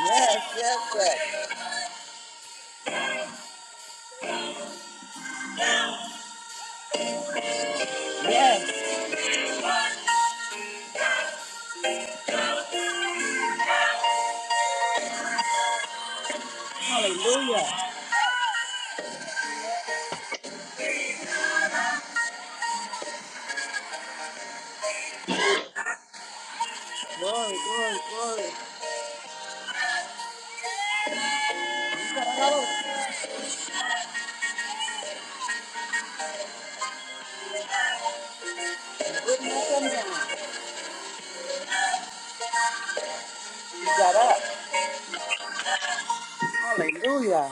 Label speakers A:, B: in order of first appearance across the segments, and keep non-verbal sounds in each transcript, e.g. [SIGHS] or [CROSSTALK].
A: Yes, yes, yes, yes. Hallelujah. Glory, glory, glory. You got up. It would not come down. You got up. Hallelujah.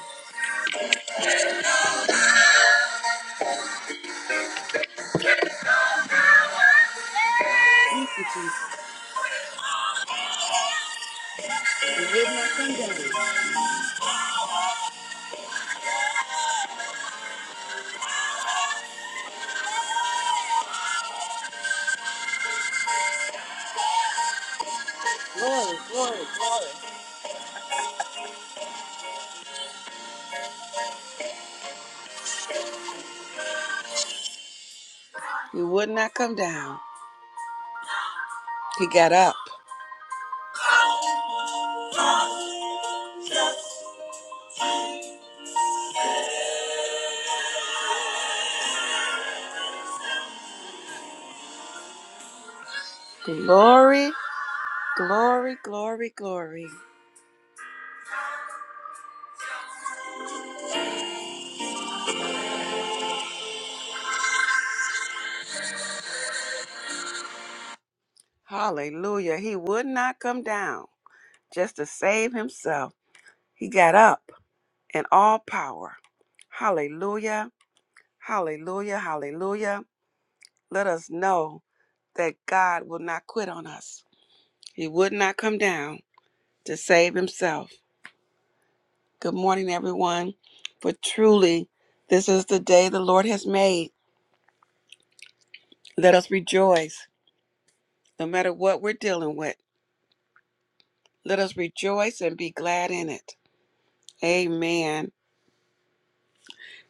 A: Thank you, Jesus. It would not come down. Glory, glory, glory. You would not come down. He got up. Glory, glory, glory, glory. Hallelujah. He would not come down just to save himself. He got up in all power. Hallelujah, hallelujah, hallelujah. Let us know that God will not quit on us. He would not come down to save himself. Good morning, everyone. For truly, this is the day the Lord has made. Let us rejoice no matter what we're dealing with. Let us rejoice and be glad in it. Amen.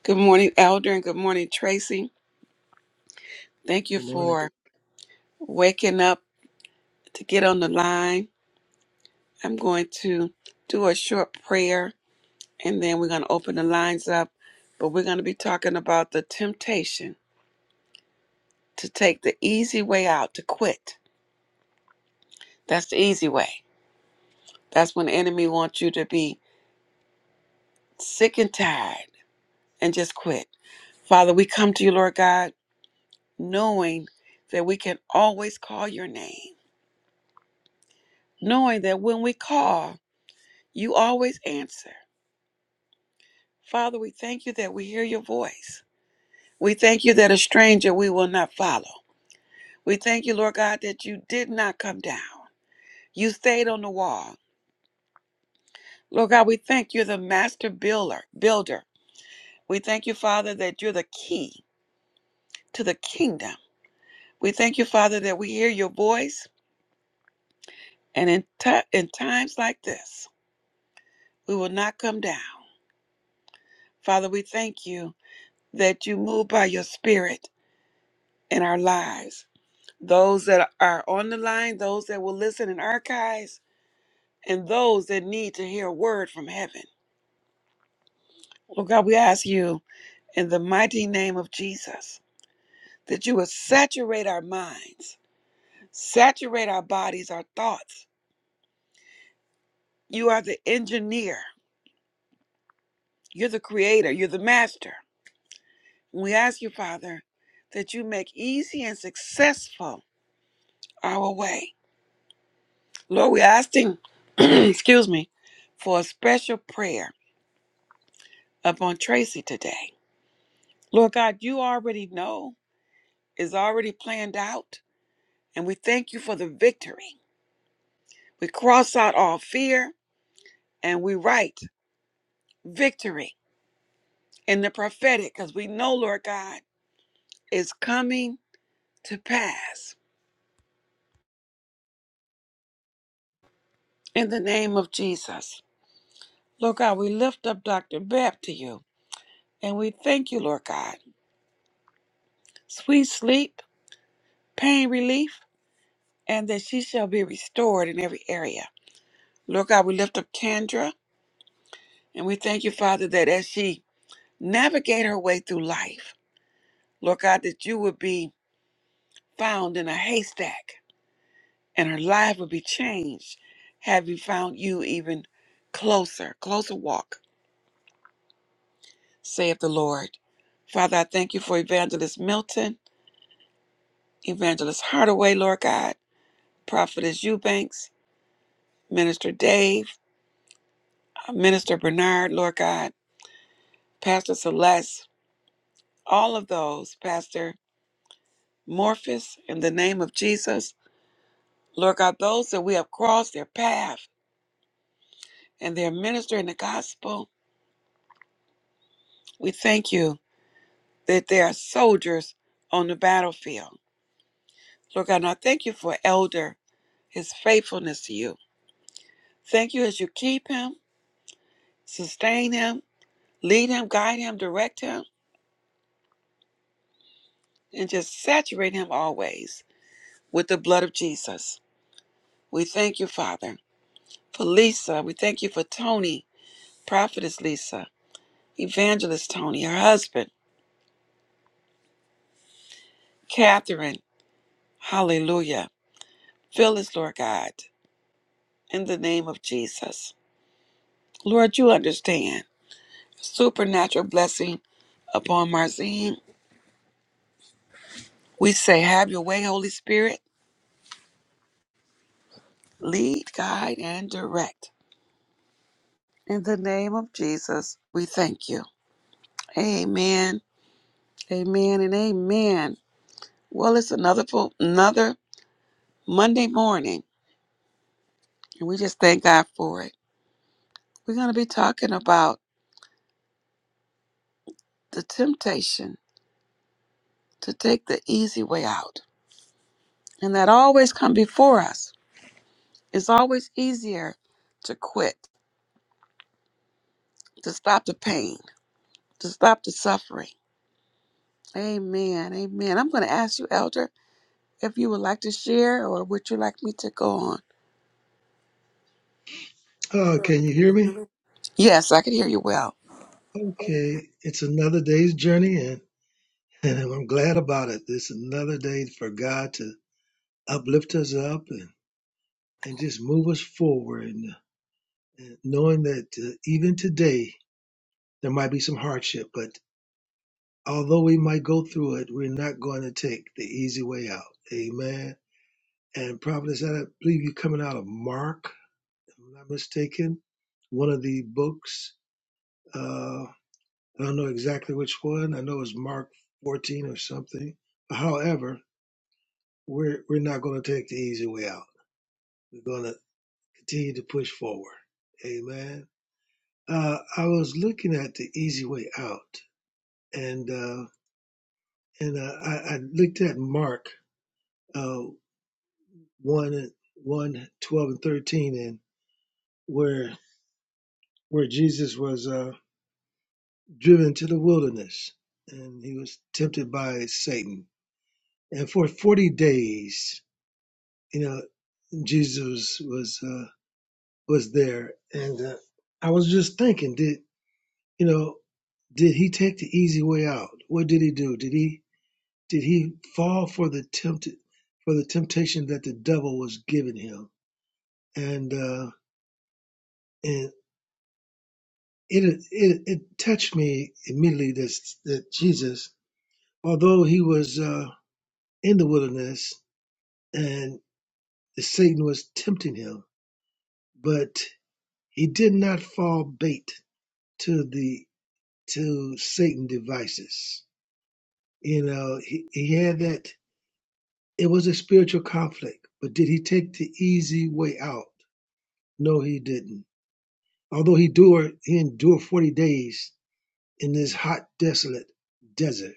A: Good morning, Elder, and good morning, Tracy. Thank you
B: Good morning.
A: for waking up to get on the line. I'm going to do a short prayer and then we're going to open the lines up. But we're going to be talking about the temptation to take the easy way out, to quit. That's the easy way. That's when the enemy wants you to be sick and tired and just quit. Father, we come to you, Lord God. knowing that we can always call your name, knowing that when we call, you always answer. Father, we thank you that we hear your voice. We thank you that a stranger we will not follow. We thank you, Lord God, that you did not come down. You stayed on the wall. Lord God, we thank you're the master builder, builder. We thank you, Father, that you're the key to the kingdom. We thank you, Father, that we hear your voice, and in, ti- in times like this, we will not come down. Father, we thank you that you move by your spirit in our lives. Those that are on the line, those that will listen in archives, and those that need to hear a word from heaven. Lord God, we ask you in the mighty name of Jesus that you would saturate our minds, saturate our bodies, our thoughts. You are the engineer, you're the creator, you're the master. We ask you, Father, that you make easy and successful our way. Lord, we're asking, [CLEARS THROAT] excuse me, for a special prayer upon Tracy today. Lord God, you already know, is already planned out, and we thank you for the victory. We cross out all fear and we write victory in the prophetic because we know, Lord God, is coming to pass in the name of Jesus. Lord God, we lift up Dr. Bab to you and we thank you, Lord God. Sweet sleep, pain relief and that she shall be restored in every area. Lord God, we lift up Kendra and we thank you, Father, that as she navigate her way through life, Lord God, that you would be found in a haystack and her life would be changed. Have you found you even closer, closer walk, saith the Lord. Father, I thank you for Evangelist Milton, Evangelist Hardaway, Lord God, Prophetess Eubanks, Minister Dave, uh, Minister Bernard, Lord God, Pastor Celeste, all of those, Pastor Morphus, in the name of Jesus. Lord God, those that we have crossed their path and they're ministering the gospel, we thank you that they are soldiers on the battlefield. Lord God, and I thank you for Elder, his faithfulness to you. Thank you as you keep him, sustain him, lead him, guide him, direct him, and just saturate him always with the blood of Jesus. We thank you, Father, for Lisa. We thank you for Tony, Prophetess Lisa. Evangelist Tony, her husband, Catherine, hallelujah. Phyllis, Lord God, in the name of Jesus. Lord, you understand. Supernatural blessing upon Marzine. We say, Have your way, Holy Spirit. Lead, guide, and direct. In the name of Jesus, we thank you. Amen. Amen and amen. Well, it's another po- another Monday morning, and we just thank God for it. We're going to be talking about the temptation to take the easy way out. And that always come before us. It's always easier to quit, to stop the pain, to stop the suffering. Amen. Amen. I'm going to ask you, Elder, if you would like to share or would you like me to go on?
B: Oh, can you hear me?
A: Yes, I can hear you well.
B: Okay, it's another day's journey, and, and I'm glad about it. It's another day for God to uplift us up and, and just move us forward, and, and knowing that uh, even today There might be some hardship, but although we might go through it, we're not going to take the easy way out. Amen. And Providence, I believe you're coming out of Mark, if I'm not mistaken, one of the books. Uh, I don't know exactly which one. I know it was Mark 14 or something. However, we're we're not going to take the easy way out. We're going to continue to push forward. Amen. Uh, I was looking at the easy way out, and uh, and uh, I, I looked at Mark uh, one one twelve and thirteen, and where where Jesus was uh, driven to the wilderness, and he was tempted by Satan, and for forty days, you know, Jesus was uh, was there, and uh, I was just thinking, did you know, did he take the easy way out? What did he do? Did he did he fall for the tempted for the temptation that the devil was giving him? And uh, and it it, it touched me immediately that that Jesus, although he was uh, in the wilderness and Satan was tempting him, but he did not fall bait to the to Satan devices. You know, he, he had that. It was a spiritual conflict, but did he take the easy way out? No, he didn't. Although he endured, he endured forty days in this hot, desolate desert.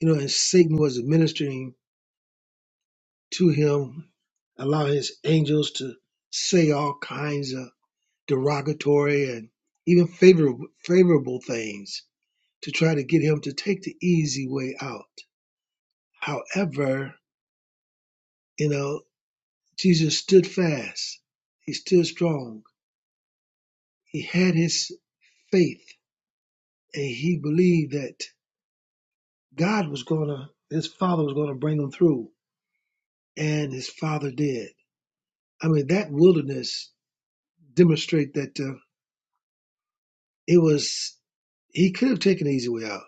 B: You know, and Satan was administering to him, allow his angels to say all kinds of derogatory and even favorable, favorable things to try to get him to take the easy way out. However, you know, Jesus stood fast. He stood strong. He had his faith and he believed that God was going to, his father was going to bring him through. And his father did. I mean, that wilderness demonstrate that uh, It was he could have taken the easy way out,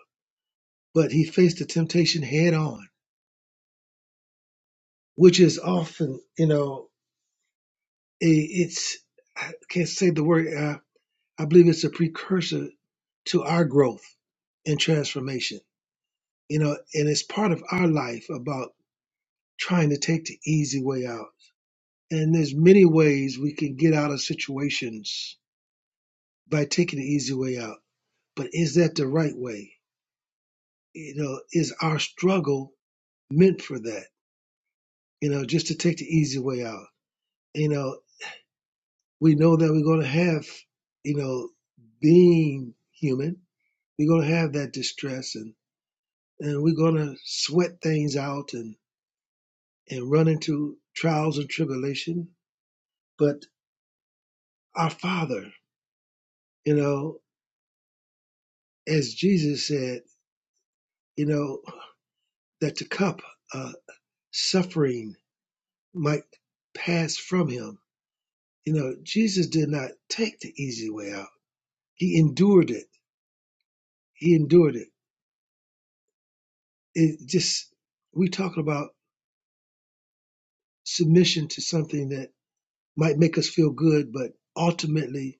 B: but he faced the temptation head on, which is often, you know, i it's I can't say the word. Uh, I believe it's a precursor to our growth and transformation, you know, and it's part of our life about trying to take the easy way out. And there's many ways we can get out of situations by taking the easy way out. But is that the right way? You know, is our struggle meant for that? you know, just to take the easy way out. You know, we know that we're going to have, you know, being human, we're going to have that distress and, and we're going to sweat things out and, and run into trials and tribulation. But our Father, you know, as Jesus said, you know, that the cup of uh, suffering might pass from him. You know, Jesus did not take the easy way out. He endured it. He endured it it just we talking about submission to something that might make us feel good, but ultimately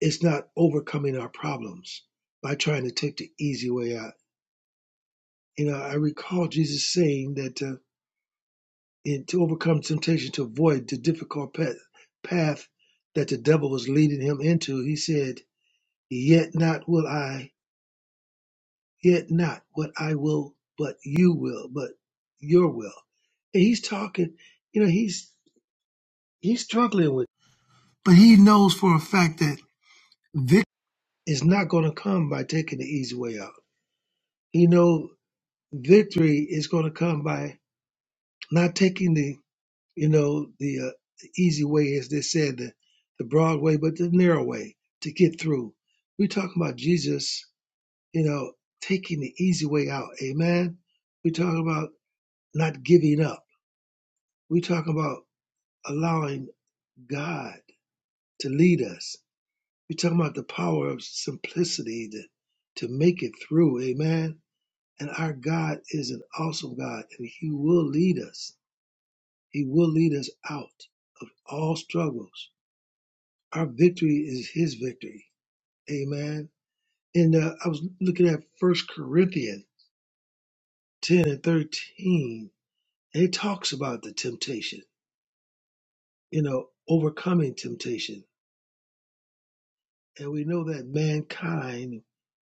B: it's not overcoming our problems by trying to take the easy way out. You know, I recall Jesus saying that uh, in, to overcome temptation, to avoid the difficult path, path that the devil was leading him into, he said, "Yet not will I, yet not what I will, but you will, but your will." And he's talking. You know, he's he's struggling with. But he knows for a fact that victory is not going to come by taking the easy way out. He knows victory is going to come by not taking the, you know, the, uh, the easy way, as they said, the, the broad way, but the narrow way to get through. We're talking about Jesus, you know, taking the easy way out. Amen. We're talking about not giving up. We're talking about allowing God to lead us You're talking about the power of simplicity to, to make it through. Amen. And our God is an awesome God, and He will lead us. He will lead us out of all struggles. Our victory is His victory. Amen. And uh, I was looking at First Corinthians 10 and 13, and it talks about the temptation, you know, overcoming temptation. And we know that mankind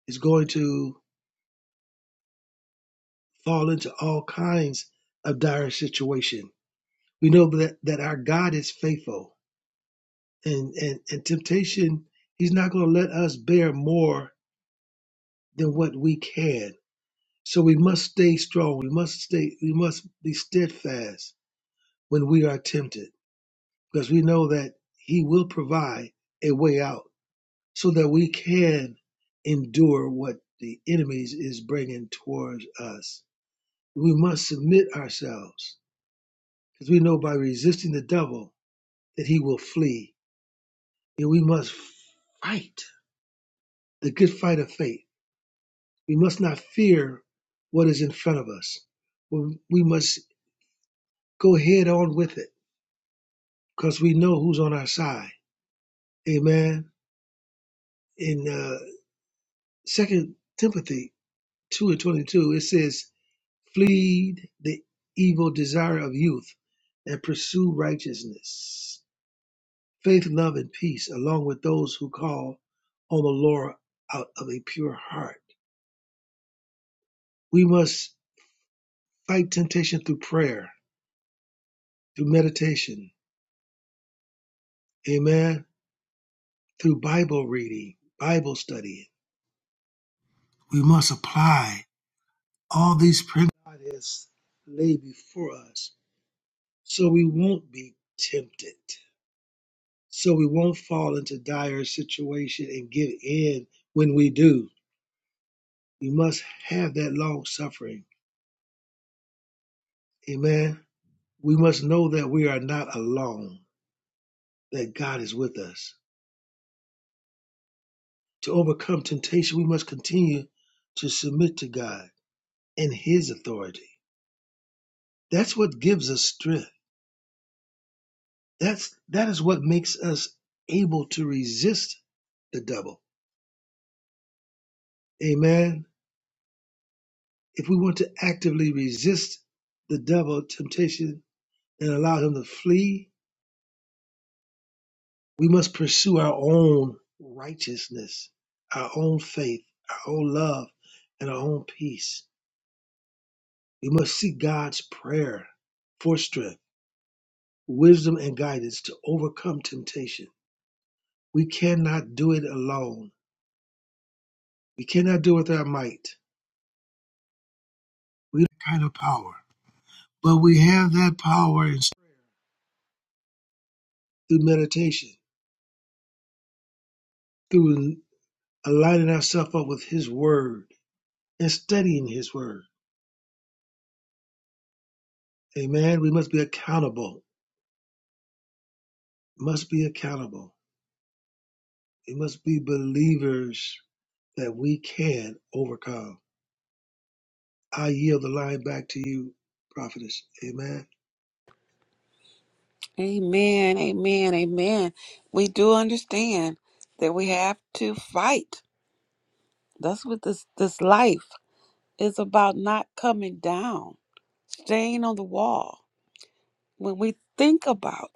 B: is going to fall into all kinds of dire situation. We know that, that our God is faithful and, and, and temptation, he's not going to let us bear more than what we can. So we must stay strong. We must stay, we must be steadfast when we are tempted because we know that he will provide a way out so that we can endure what the enemy is bringing towards us. We must submit ourselves Because we know by resisting the devil that he will flee. And we must fight the good fight of faith. We must not fear what is in front of us. We must go head on with it because we know who's on our side. Amen. In uh, 2 Timothy 2 and 22, it says, Flee the evil desire of youth and pursue righteousness faith, love, and peace, along with those who call on the Lord out of a pure heart. We must fight temptation through prayer, through meditation, amen, through Bible reading, Bible study. We must apply all these principles God has laid before us so we won't be tempted, so we won't fall into dire situation and give in when we do. We must have that long suffering. Amen We must know that we are not alone, that God is with us. To overcome temptation, we must continue to submit to God and his authority. That's what gives us strength. That's that is what makes us able to resist the devil. Amen. If we want to actively resist the devil temptation and allow him to flee, we must pursue our own righteousness, our own faith, our own love, and our own peace. We must seek God's prayer for strength, wisdom, and guidance to overcome temptation. We cannot do it alone. We cannot do it with our might. We don't have that kind of power, but we have that power through meditation, through aligning ourselves up with His Word and studying His Word. Amen. We must be accountable. Must be accountable. We must be believers that we can overcome. I yield the line back to you, prophetess. Amen.
A: Amen. Amen. Amen. We do understand that we have to fight. That's what this this life is about not coming down, staying on the wall. When we think about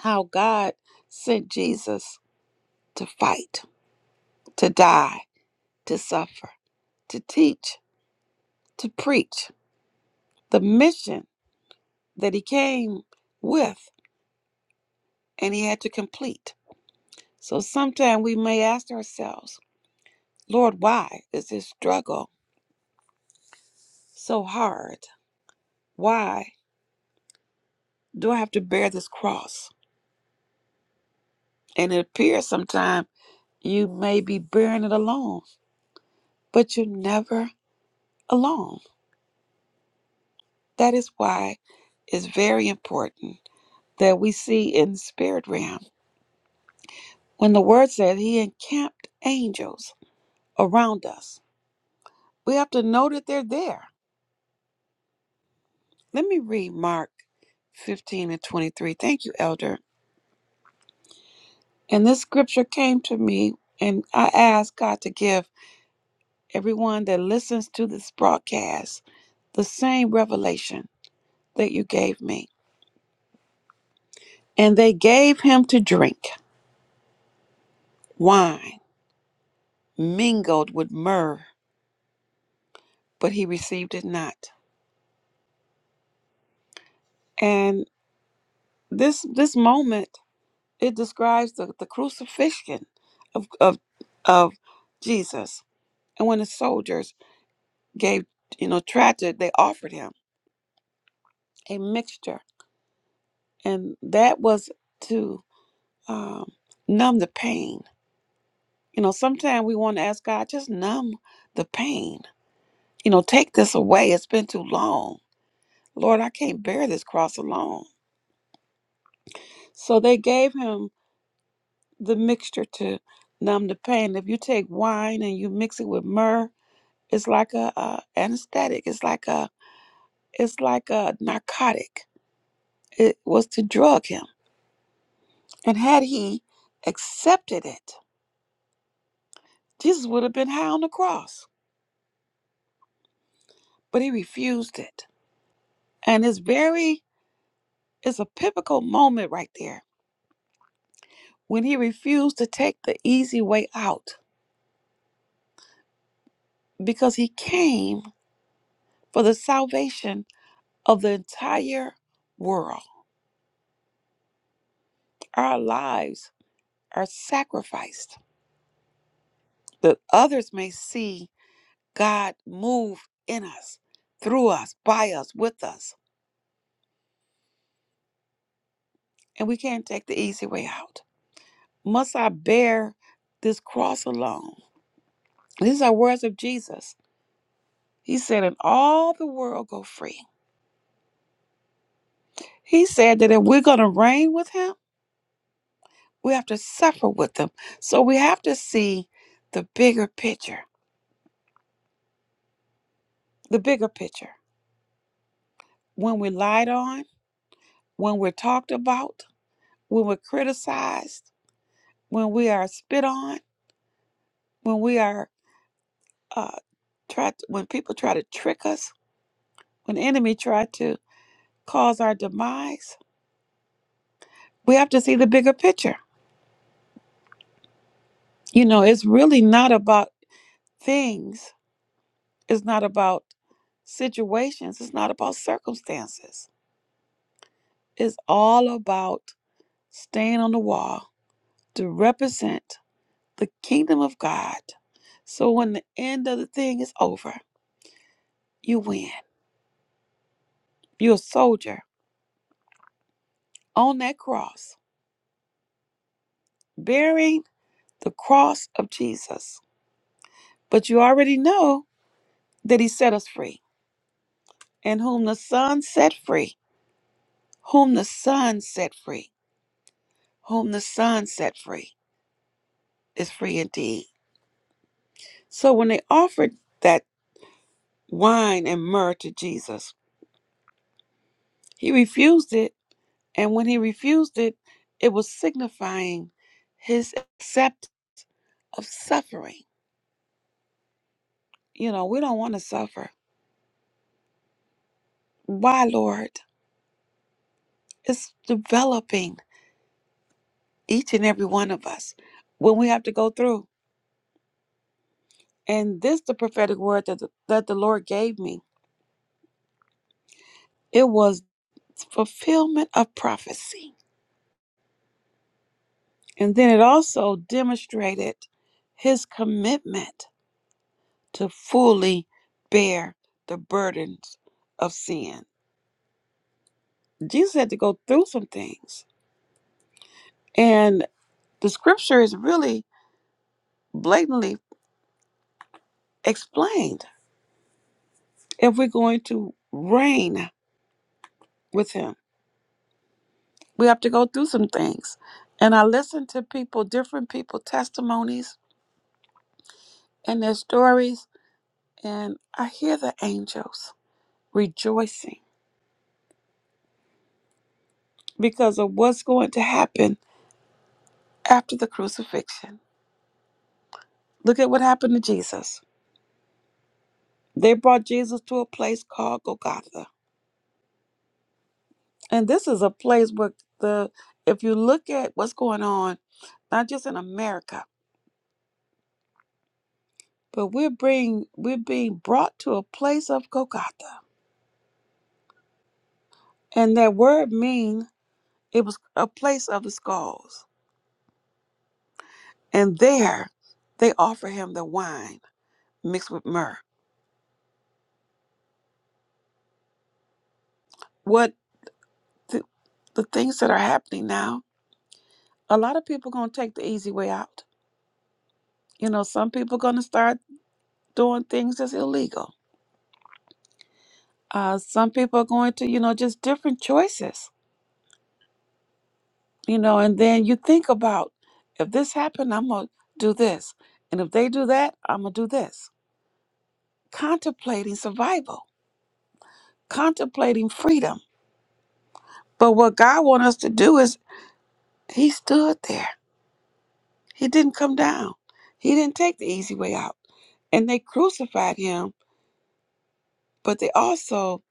A: how God sent Jesus to fight, to die, to suffer, to teach, to preach, the mission that he came with and he had to complete. So sometimes we may ask ourselves, Lord, why is this struggle so hard? Why do I have to bear this cross? And it appears sometimes you may be bearing it alone, but you're never alone. That is why it's very important that we see in the spirit realm. When the word says he encamped angels around us, we have to know that they're there. Let me read Mark 15 and 23. Thank you, Elder. And this scripture came to me, and I asked God to give everyone that listens to this broadcast the same revelation that you gave me. And they gave him to drink wine mingled with myrrh, but he received it not. And this this moment It describes the, the crucifixion of, of of Jesus. And when the soldiers gave, you know, tragic, they offered him a mixture. And that was to um, numb the pain. You know, sometimes we want to ask God, just numb the pain. You know, take this away. It's been too long. Lord, I can't bear this cross alone. So they gave him the mixture to numb the pain. If you take wine and you mix it with myrrh, It's like a, uh anesthetic. It's like a it's like a narcotic. It was to drug him. And had he accepted it, Jesus would have been high on the cross. But he refused it. And it's very it's a pivotal moment right there when he refused to take the easy way out because he came for the salvation of the entire world. Our lives are sacrificed that others may see God move in us, through us, by us, with us. And we can't take the easy way out. Must I bear this cross alone? These are words of Jesus. He said, and all the world go free. He said that if we're going to reign with him, we have to suffer with him. So we have to see the bigger picture, the bigger picture. When we're lied on, when we're talked about, when we're criticized, when we are spit on, when we are uh, try to, when people try to trick us, when the enemy try to cause our demise, we have to see the bigger picture. You know, it's really not about things. It's not about situations. It's not about circumstances. It's all about staying on the wall to represent the kingdom of God. So when the end of the thing is over, you win. You're a soldier on that cross, bearing the cross of Jesus. But you already know that he set us free. And whom the Son set free, whom the Son set free, whom the Son set free is free indeed. So when they offered that wine and myrrh to Jesus, he refused it. And when he refused it, it was signifying his accept of suffering. You know, we don't want to suffer. Why, Lord? It's developing each and every one of us when we have to go through. And this the prophetic word that the, that the Lord gave me. It was fulfillment of prophecy. And then it also demonstrated his commitment to fully bear the burdens of sin. Jesus had to go through some things. And the scripture is really blatantly explained. If we're going to reign with him, we have to go through some things. And I listened to people, different people, testimonies and their stories, and I hear the angels rejoicing because of what's going to happen after the crucifixion. Look at what happened to Jesus. They brought Jesus to a place called Golgotha. And this is a place where the if you look at what's going on, not just in America, but we're being we're being brought to a place of Golgotha. And that word mean it was a place of the skulls. And there they offer him the wine mixed with myrrh. What the, the things that are happening now, a lot of people going to take the easy way out. You know, some people going to start doing things that's illegal. Uh, some people are going to, you know, just different choices, you know, and then you think about if this happened, I'm going to do this. And if they do that, I'm going to do this. Contemplating survival, contemplating freedom. But what God wants us to do is he stood there. He didn't come down. He didn't take the easy way out And they crucified him, but they also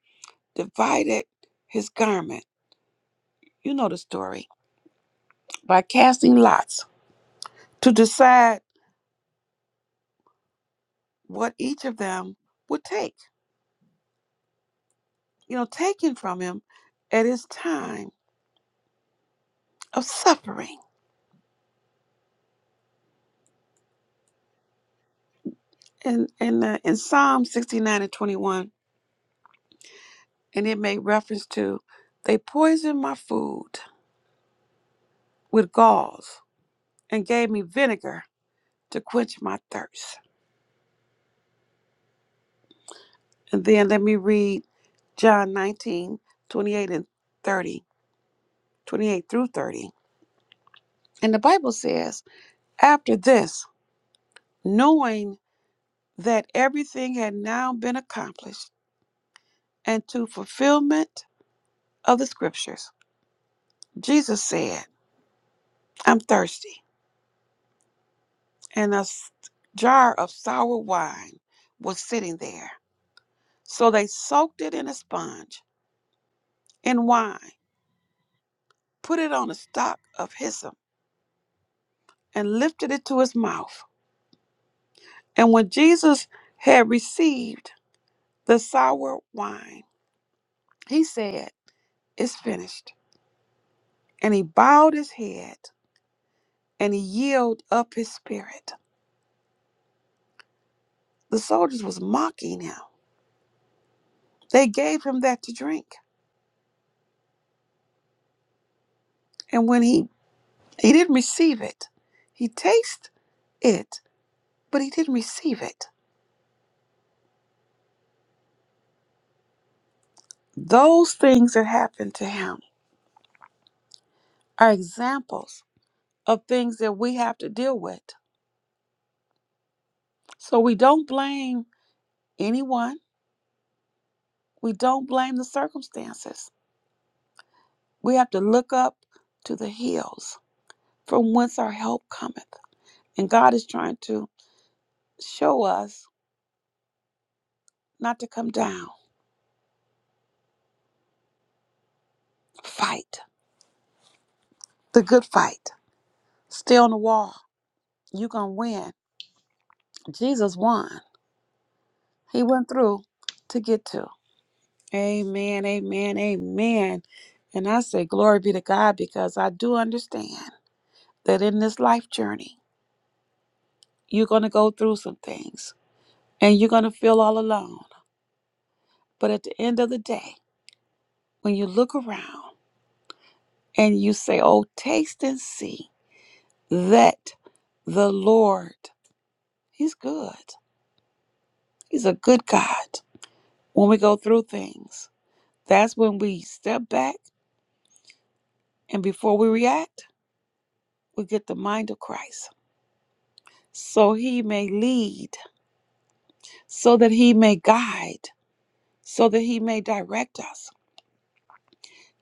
A: divided his garment. You know the story. By casting lots to decide what each of them would take, you know, taken from him at his time of suffering. And In, in, uh, in Psalm 69 and 21, and it made reference to they poisoned my food with galls and gave me vinegar to quench my thirst. And then let me read John 19 28 and 30, 28 through 30. And the Bible says, After this, knowing that everything had now been accomplished, and to fulfillment of the scriptures, Jesus said, I'm thirsty. And a s- jar of sour wine was sitting there. So they soaked it in a sponge in wine, put it on a stalk of hyssop, and lifted it to his mouth. And when Jesus had received the sour wine, he said, It's finished. And he bowed his head and he yielded up his spirit. The soldiers was mocking him. They gave him that to drink. And when he he didn't receive it, he tasted it, but he didn't receive it. Those things that happened to him are examples of things that we have to deal with. So we don't blame anyone. We don't blame the circumstances We have to look up to the hills from whence our help cometh. And God is trying to show us not to come down. Fight the good fight. Stay on the wall. You're going to win. Jesus won. He went through to get to. Amen, amen, amen. And I say, glory be to God because I do understand that in this life journey, you're going to go through some things and you're going to feel all alone. But at the end of the day, when you look around, and you say, Oh, taste and see that the Lord, He's good. He's a good God. When we go through things, that's when we step back and before we react, we get the mind of Christ. So He may lead, so that He may guide, so that He may direct us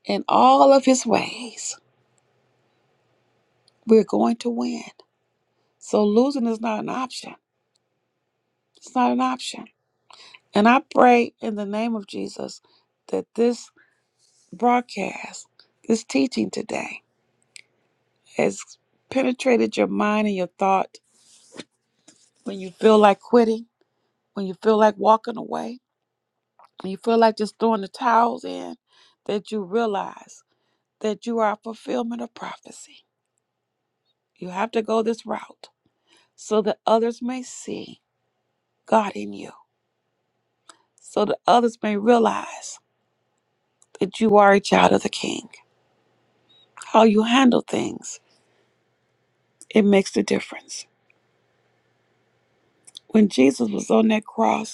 A: in all of His ways. We're going to win. So losing is not an option. It's not an option. And I pray in the name of Jesus that this broadcast, this teaching today has penetrated your mind and your thought when you feel like quitting, when you feel like walking away, when you feel like just throwing the towels in, that you realize that you are a fulfillment of prophecy. You have to go this route so that others may see God in you, so that others may realize that you are a child of the King. How you handle things, it makes a difference. When Jesus was on that cross,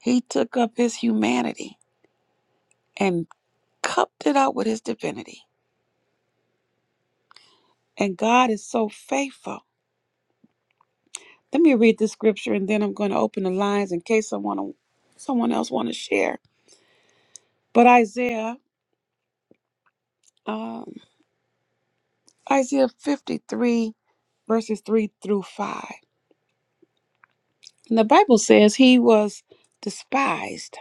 A: He took up his humanity and cupped it out with his divinity. And God is so faithful. Let me read this scripture and then I'm going to open the lines in case someone someone else want to share. But Isaiah, um, Isaiah 53, verses 3 through 5. And the Bible says he was despised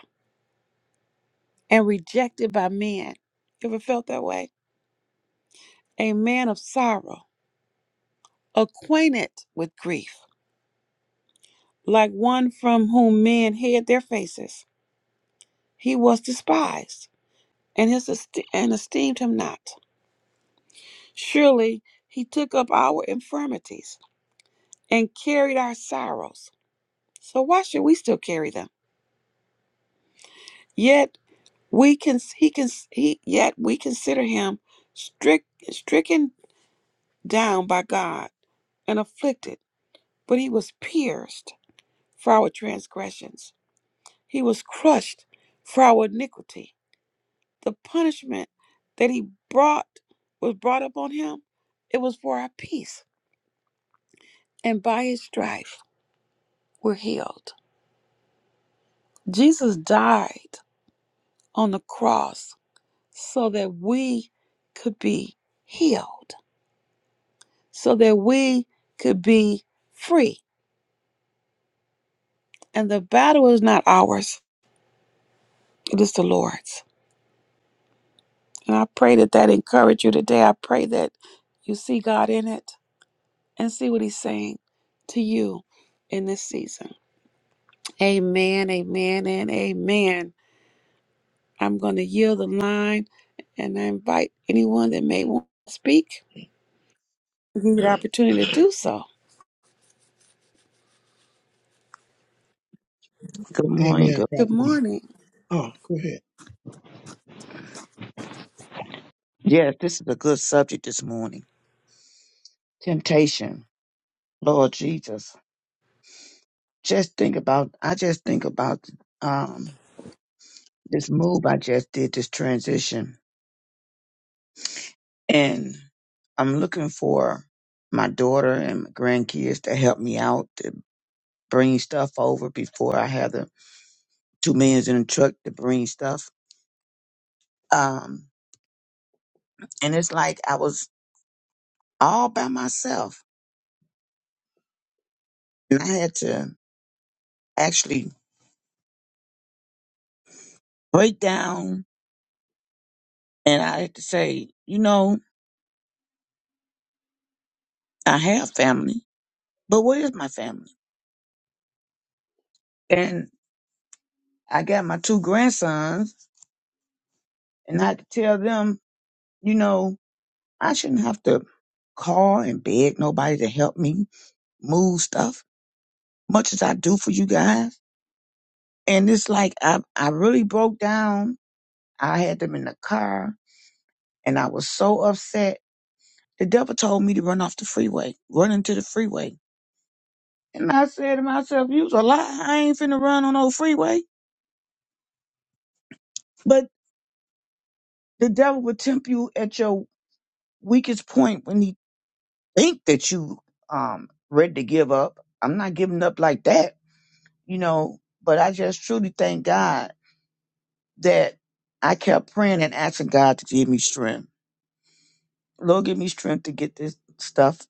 A: and rejected by men. You ever felt that way? A man of sorrow, acquainted with grief, like one from whom men hid their faces. He was despised, and his esteem, and esteemed him not. Surely he took up our infirmities and carried our sorrows. So why should we still carry them? Yet we can he can he yet we consider him strict, stricken down by God and afflicted. But he was pierced for our transgressions. He was crushed for our iniquity. The punishment that he brought was brought upon him. It was for our peace and by his stripes we're healed. Jesus died on the cross so that we could be healed, so that we could be free. And the battle is not ours, it is the Lord's. And I pray that that encourage you today. I pray that you see God in it and see what he's saying to you in this season. Amen, amen, and amen. I'm going to yield the line and I invite anyone that may want to speak, give you the opportunity to do so.
C: Good morning.
B: Amen,
C: Good
A: Good
C: morning.
B: prophets.
A: morning.
B: Oh, go ahead.
C: Yes, this is a good subject this morning. Temptation. Lord Jesus. Just think about I just think about um this move I just did, this transition. And I'm looking for my daughter and my grandkids to help me out to bring stuff over before I have the two millions in the truck to bring stuff. Um and it's like I was all by myself. And I had to actually break down And I had to say, you know, I have family, but where is my family? And I got my two grandsons, and I had to tell them, you know, I shouldn't have to call and beg nobody to help me move stuff, much as I do for you guys. And it's like I, I really broke down. I had them in the car, and I was so upset. The devil told me to run off the freeway, run into the freeway. And I said to myself, you's a lie. I ain't finna run on no freeway. But the devil will tempt you at your weakest point when he think that you um ready to give up. I'm not giving up like that, you know, but I just truly thank God that I kept praying and asking God to give me strength. Lord, give me strength to get this stuff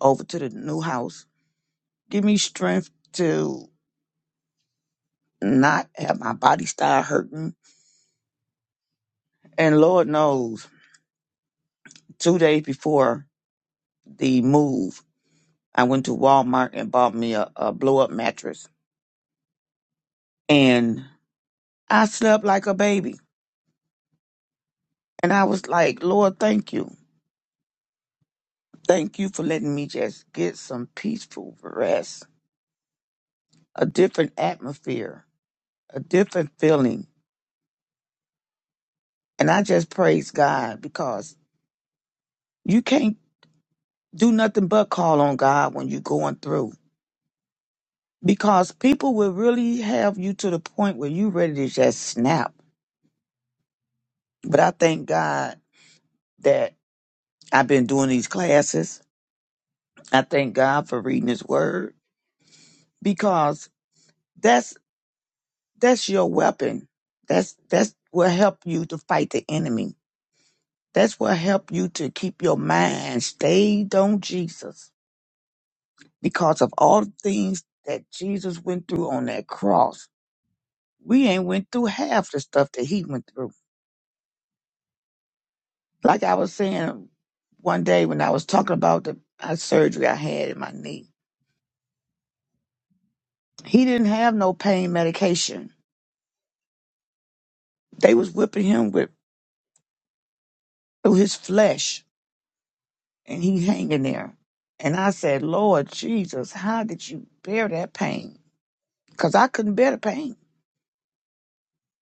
C: over to the new house. Give me strength to not have my body start hurting. And Lord knows, two days before the move, I went to Walmart and bought me a, a blow up mattress and I slept like a baby. And I was like, Lord, thank you. Thank you for letting me just get some peaceful rest, a different atmosphere, a different feeling. And I just praise God because you can't do nothing but call on God when you're going through. Because people will really have you to the point where you ready to just snap. But I thank God that I've been doing these classes. I thank God for reading his word because that's that's your weapon. That's that's what help you to fight the enemy. That's what help you to keep your mind stayed on Jesus. Because of all the things that Jesus went through on that cross, we ain't went through half the stuff that he went through. Like I was saying one day when I was talking about the uh, surgery I had in my knee, he didn't have no pain medication. They was whipping him with through his flesh and he hanging there. And I said, Lord Jesus, how did you bear that pain? Because I couldn't bear the pain.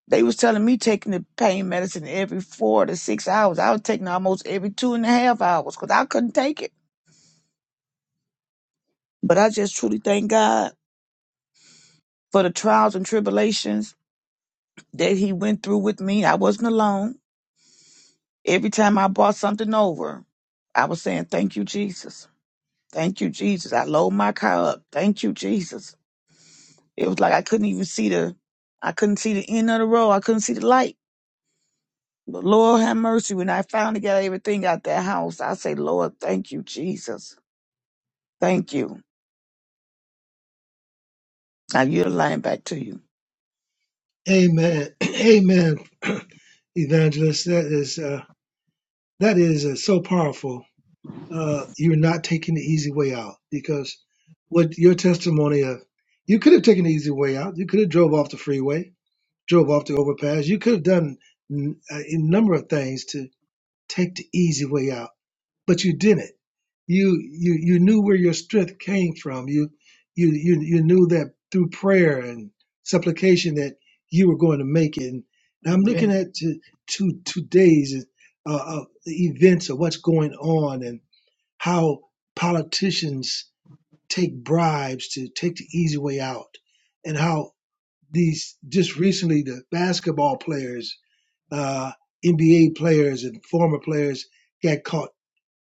C: They was telling me taking the pain medicine every four to six hours. I was taking almost every two and a half hours because I couldn't take it. But I just truly thank God for the trials and tribulations that he went through with me. I wasn't alone. Every time I bought something over, I was saying, thank you, Jesus. Thank you, Jesus. I load my car up. Thank you, Jesus. It was like I couldn't even see the, I couldn't see the end of the road. I couldn't see the light. But Lord have mercy. When I finally got everything out that house, I say, Lord, thank you, Jesus. Thank you. I yield the line back to you.
B: Amen. [CLEARS THROAT] Amen. [CLEARS THROAT] Evangelist, that is uh, that is uh, so powerful. Uh, you're not taking the easy way out because what your testimony of you could have taken the easy way out. You could have drove off the freeway, drove off the overpass. You could have done n- uh, a number of things to take the easy way out. but you didn't. You you you knew where your strength came from. You you you you knew that through prayer and supplication that you were going to make it. And I'm
C: Yeah,
B: looking at to to today's uh, uh, events of what's going on and how politicians take bribes to take the easy way out, and how these just recently the basketball players, uh, NBA players, and former players got caught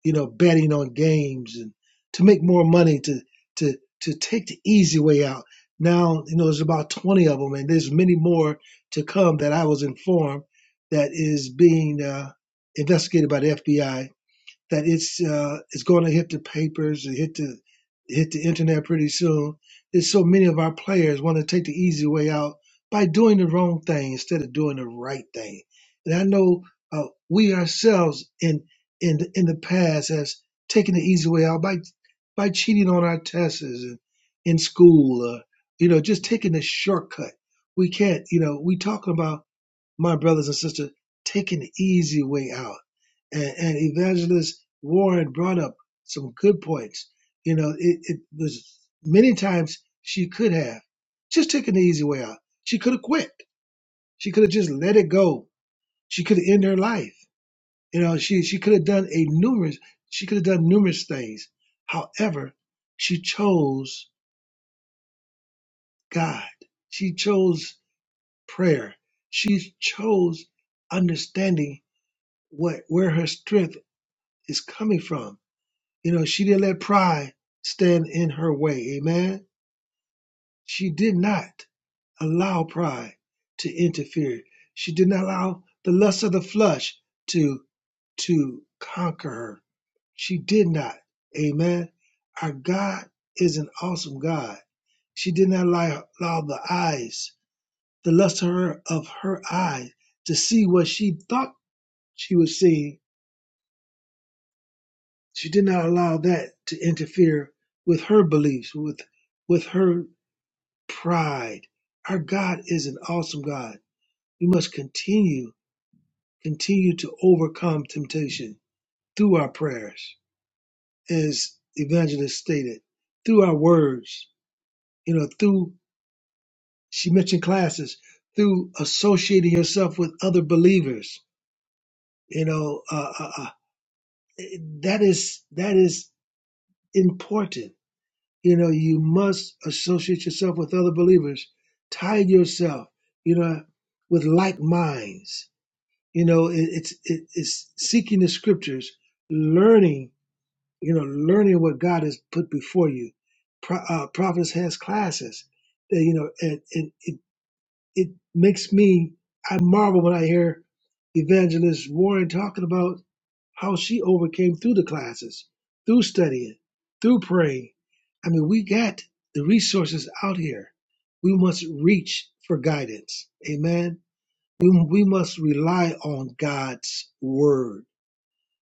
B: you know, betting on games and to make more money to to to take the easy way out. Now, you know, there's about 20 of them, and there's many more to come that I was informed that is being uh, investigated by the FBI that it's uh, it's going to hit the papers, and hit the hit the internet pretty soon. There's so many of our players want to take the easy way out by doing the wrong thing instead of doing the right thing. And I know uh, we ourselves in in the, in the past has taken the easy way out by by cheating on our tests and in school, uh, you know, just taking the shortcut. We can't, you know, we talking about my brothers and sisters, take an easy way out. And, and Evangelist Warren brought up some good points. You know, it, it was many times she could have just taken the easy way out. She could have quit. She could have just let it go. She could have ended her life. You know, she she could have done a numerous. She could have done numerous things. However, she chose God. She chose prayer. She chose understanding what where her strength is coming from. You know, she didn't let pride stand in her way. Amen. She did not allow pride to interfere. She did not allow the lust of the flesh to to conquer her. She did not. Amen. Our God is an awesome God. She did not allow, allow the eyes, the lust of her of her eyes, to see what she thought she was seeing she did not allow that to interfere with her beliefs, with with her pride. Our God is an awesome God. We must continue, continue to overcome temptation through our prayers, as Evangelist stated, through our words, you know, through she mentioned classes, through associating yourself with other believers. You know, uh, uh, uh, that is that is important you know you must associate yourself with other believers tie yourself you know with like minds you know it, it's it, it's seeking the scriptures learning you know learning what god has put before you Pro, uh, prophets has classes that you know and, and it it makes me I marvel when I hear Evangelist Warren talking about how she overcame through the classes, through studying, through praying. I mean, we got the resources out here. We must reach for guidance. Amen. We, we must rely on God's word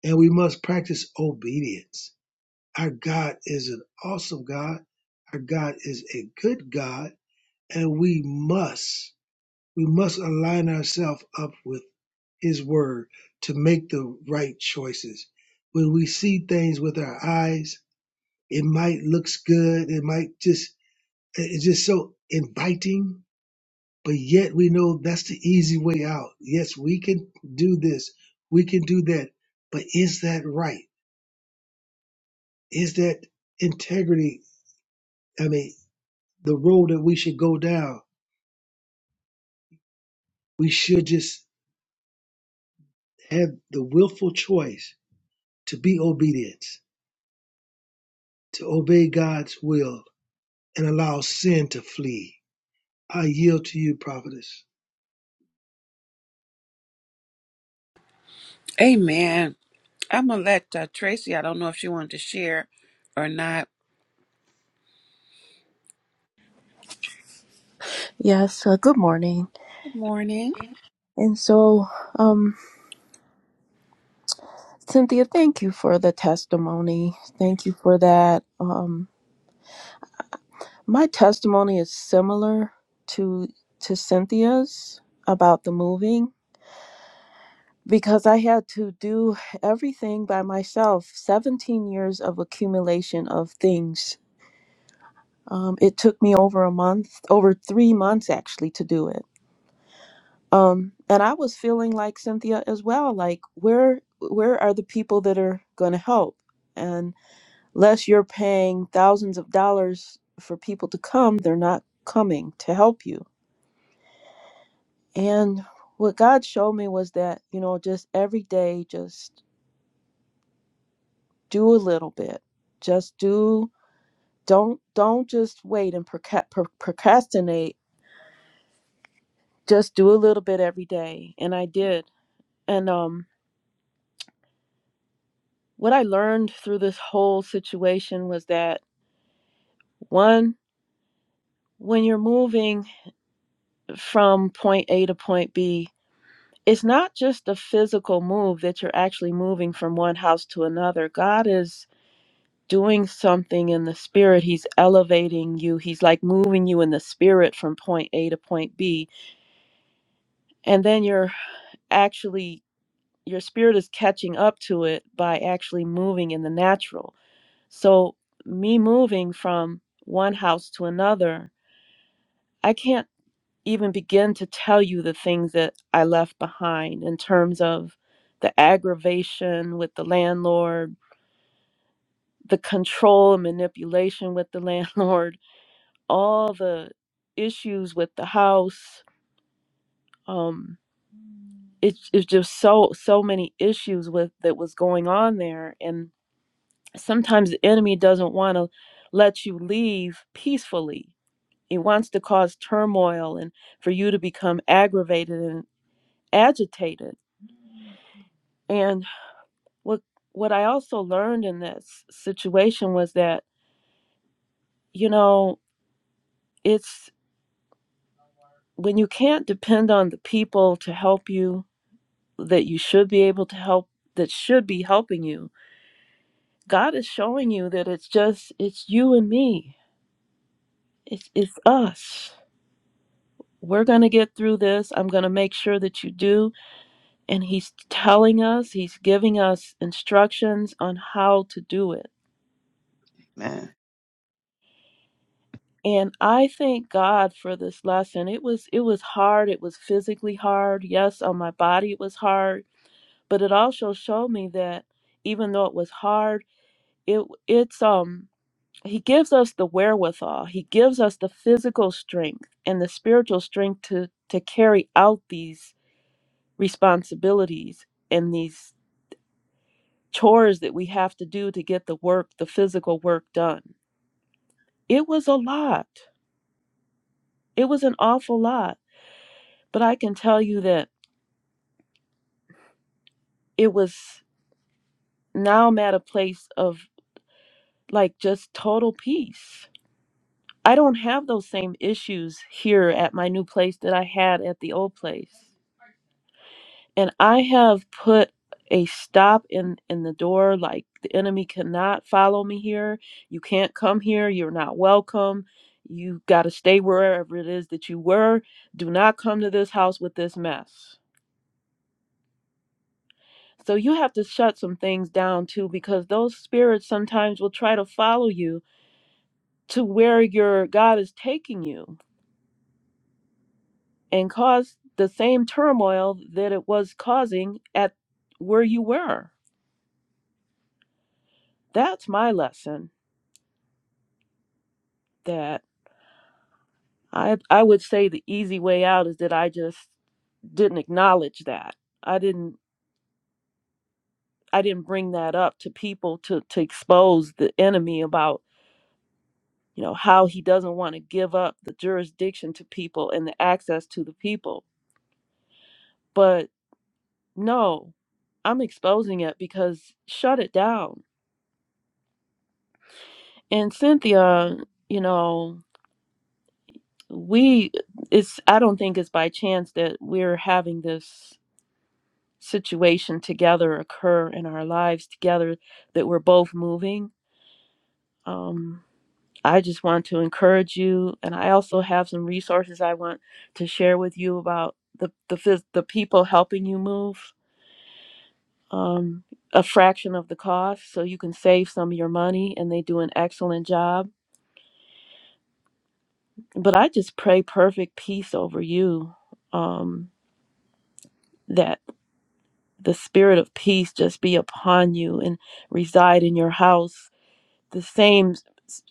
B: and we must practice obedience. Our God is an awesome God. Our God is a good God and we must we must align ourselves up with His Word to make the right choices. When we see things with our eyes, it might looks good. It might just it's just so inviting, but yet we know that's the easy way out. Yes, we can do this, we can do that, but is that right? Is that integrity? I mean, the road that we should go down. We should just have the willful choice to be obedient to obey God's will and allow sin to flee. I yield to you, prophetess.
A: Amen. I'm going to let uh, Tracy, I don't know if she wanted to share or not.
D: Yes, uh, good morning.
A: Good morning.
D: And so, um, Cynthia, thank you for the testimony. Thank you for that. Um, my testimony is similar to to Cynthia's about the moving because I had to do everything by myself. Seventeen years of accumulation of things. Um, it took me over a month, over three months actually, to do it um and i was feeling like cynthia as well like where where are the people that are going to help and unless you're paying thousands of dollars for people to come they're not coming to help you and what god showed me was that you know just every day just do a little bit just do don't don't just wait and proca- pro- procrastinate just do a little bit every day and i did and um what i learned through this whole situation was that One, when you're moving from point A to point B, it's not just a physical move that you're actually moving from one house to another. God is doing something in the spirit. He's elevating you. He's like moving you in the spirit from point A to point B. And then you're actually, your spirit is catching up to it by actually moving in the natural. So, me moving from one house to another I can't. even begin to tell you the things that I left behind in terms of the aggravation with the landlord, the control and manipulation with the [LAUGHS] landlord, all the issues with the house. Um, it, it's just so so many issues with that was going on there, and sometimes the enemy doesn't want to let you leave peacefully. It wants to cause turmoil and for you to become aggravated and agitated. and what what I also learned in this situation was that you know it's when you can't depend on the people to help you that you should be able to help that should be helping you God is showing you that it's just it's you and me it's it's us we're going to get through this I'm going to make sure that you do and he's telling us he's giving us instructions on how to do it
C: Amen.
D: and i thank god for this lesson it was it was hard it was physically hard yes on my body it was hard but it also showed me that even though it was hard it it's um he gives us the wherewithal he gives us the physical strength and the spiritual strength to to carry out these responsibilities and these chores that we have to do to get the work the physical work done it was a lot it was an awful lot but i can tell you that it was now I'm at a place of like just total peace. I don't have those same issues here at my new place that I had at the old place. And I have put a stop in in the door like the enemy cannot follow me here. You can't come here. You're not welcome. You got to stay wherever it is that you were. Do not come to this house with this mess. So you have to shut some things down too because those spirits sometimes will try to follow you to where your God is taking you and cause the same turmoil that it was causing at where you were. That's my lesson that I I would say the easy way out is that I just didn't acknowledge that. I didn't I didn't bring that up to people to to expose the enemy about, you know, how he doesn't want to give up the jurisdiction to people and the access to the people. But no, I'm exposing it because shut it down And Cynthia, you know, we it's I don't think it's by chance that we're having this situation together occur in our lives together that we're both moving. Um I just want to encourage you and I also have some resources I want to share with you about the the phys- the people helping you move um a fraction of the cost so you can save some of your money and they do an excellent job but I just pray perfect peace over you. Um, that the spirit of peace just be upon you and reside in your house. The same s-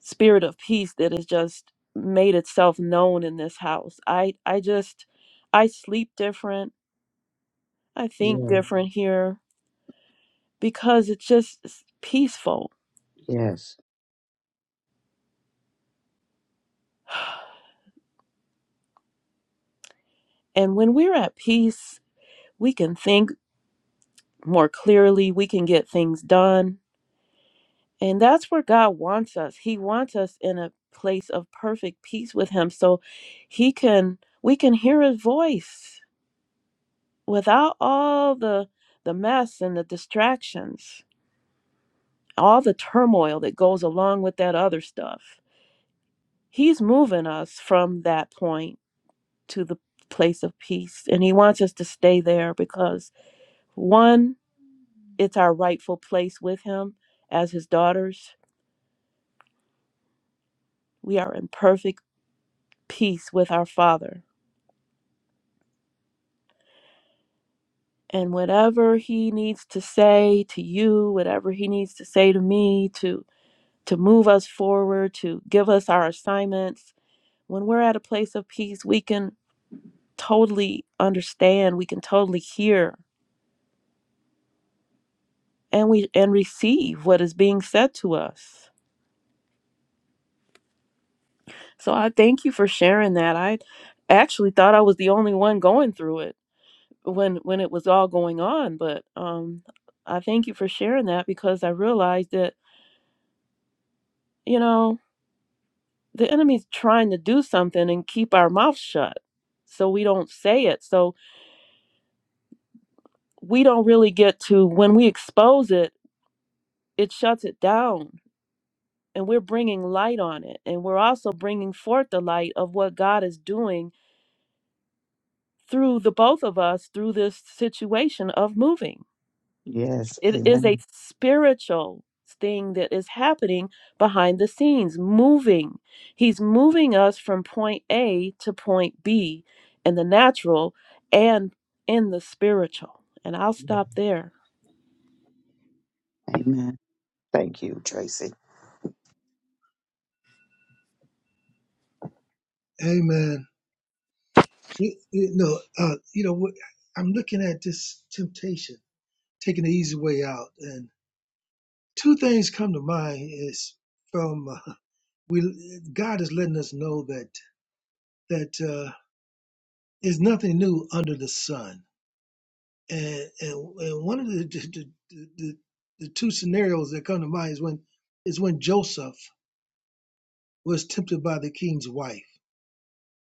D: spirit of peace that has just made itself known in this house. I I just I sleep different. I think Mhm.
C: Yeah.
D: different here because it's just s- peaceful.
C: yes.
D: [SIGHS] And when we're at peace, we can think more clearly. We can get things done And that's where God wants us. He wants us in a place of perfect peace with him so he can we can hear his voice without all the the mess and the distractions, all the turmoil that goes along with that other stuff. He's moving us from that point to the place of peace and he wants us to stay there because one it's our rightful place with him as his daughters. We are in perfect peace with our father And whatever he needs to say to you, whatever he needs to say to me to to move us forward, to give us our assignments, when we're at a place of peace, we can totally understand, we can totally hear and we and receive what is being said to us. So I thank you for sharing that. I actually thought I was the only one going through it when when it was all going on, but um I thank you for sharing that because I realized that, you know, the enemy's trying to do something and keep our mouth shut so we don't say it. So we don't really get to, when we expose it, it shuts it down and we're bringing light on it. And we're also bringing forth the light of what God is doing through the both of us through this situation of moving.
C: yes.
D: It is
C: Amen.
D: a spiritual thing that is happening behind the scenes, moving. He's moving us from point A to point B in the natural and in the spiritual. And I'll stop there.
C: Amen. Thank you, Tracy.
B: Amen. You, you know, uh, you know, I'm looking at this temptation, taking the easy way out, and two things come to mind. Is from uh, we God is letting us know that that uh, is nothing new under the sun, and and, and one of the the, the the the two scenarios that come to mind is when is when Joseph was tempted by the king's wife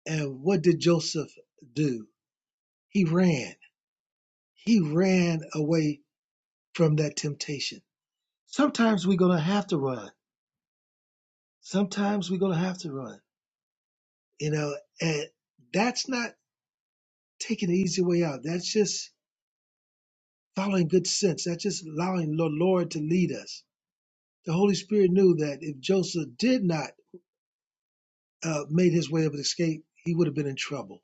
B: And what did Joseph do? He ran. He ran away from that temptation. Sometimes we're going to have to run. Sometimes we're going to have to run. You know, and that's not taking the easy way out. That's just following good sense. That's just allowing the Lord to lead us. The Holy Spirit knew that if Joseph did not uh, made his way of escape, he would have been in trouble.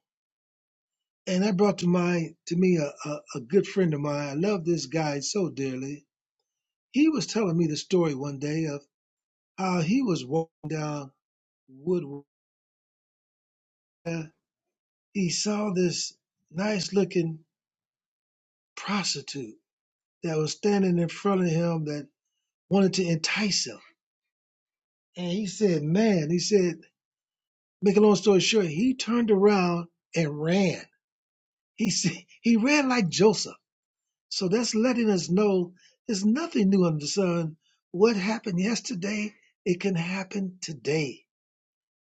B: And that brought to mind to me a, a, a good friend of mine. I love this guy so dearly He was telling me the story one day of how he was walking down Woodward. and He saw this nice looking prostitute that was standing in front of him that wanted to entice him. And he said, Man, he said, make a long story short, he turned around and ran. He, [LAUGHS] said, he ran like Joseph. So that's letting us know there's nothing new under the sun. What happened yesterday, it can happen today.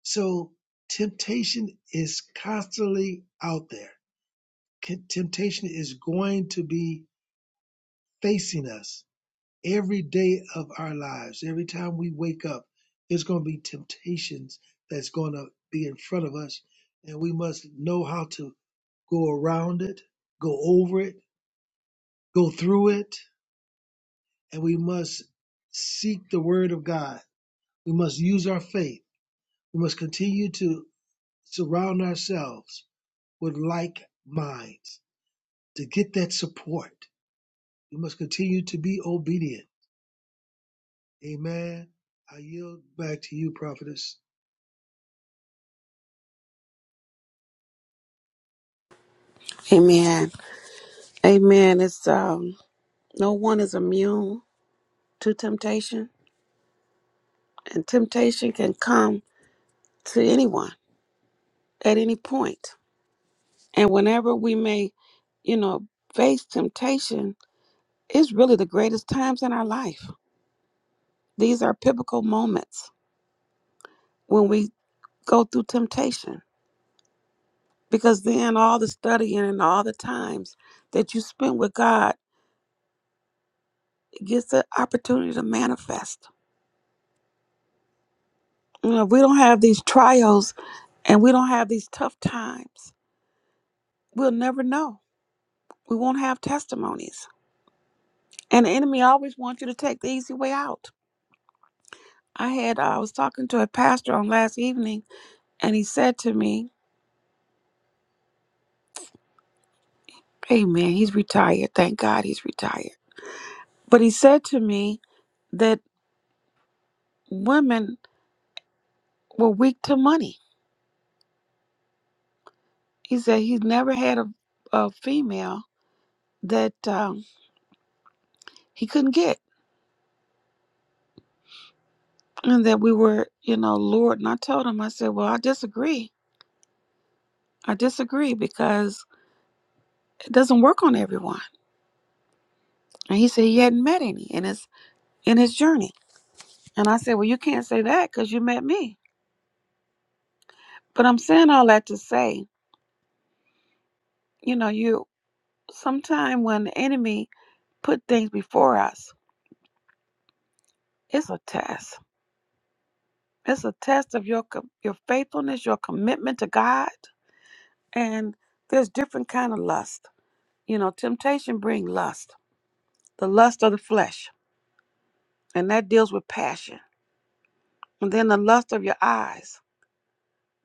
B: So temptation is constantly out there. Con- Temptation is going to be facing us every day of our lives. Every time we wake up, there's going to be temptations that's going to be in front of us. And we must know how to go around it, go over it, go through it. And we must seek the word of God. We must use our faith. We must continue to surround ourselves with like minds to get that support. We must continue to be obedient. Amen. I yield back to you, prophetess.
A: Amen. Amen. It's um, no one is immune to temptation, and temptation can come to anyone at any point. And whenever we may, you know, face temptation, it's really the greatest times in our life These are pivotal moments when we go through temptation because then all the studying and all the times that you spend with God gets the opportunity to manifest. You know, if we don't have these trials and we don't have these tough times, we'll never know. We won't have testimonies. And the enemy always wants you to take the easy way out. I had uh, I was talking to a pastor on last evening and he said to me, Hey man, he's retired. Thank God he's retired. But he said to me, that women were weak to money. He said he's never had a, a female that um, he couldn't get and that we were, you know, lured. And I told him, I said, well, I disagree. I disagree because it doesn't work on everyone. And he said he hadn't met any in his in his journey. And I said, well, you can't say that because you met me. But I'm saying all that to say, you know, you sometime when the enemy put things before us, it's a test It's a test of your com- your faithfulness, your commitment to God, and there's different kind of lust. You know, temptation bring lust, the lust of the flesh, and that deals with passion. And then the lust of your eyes,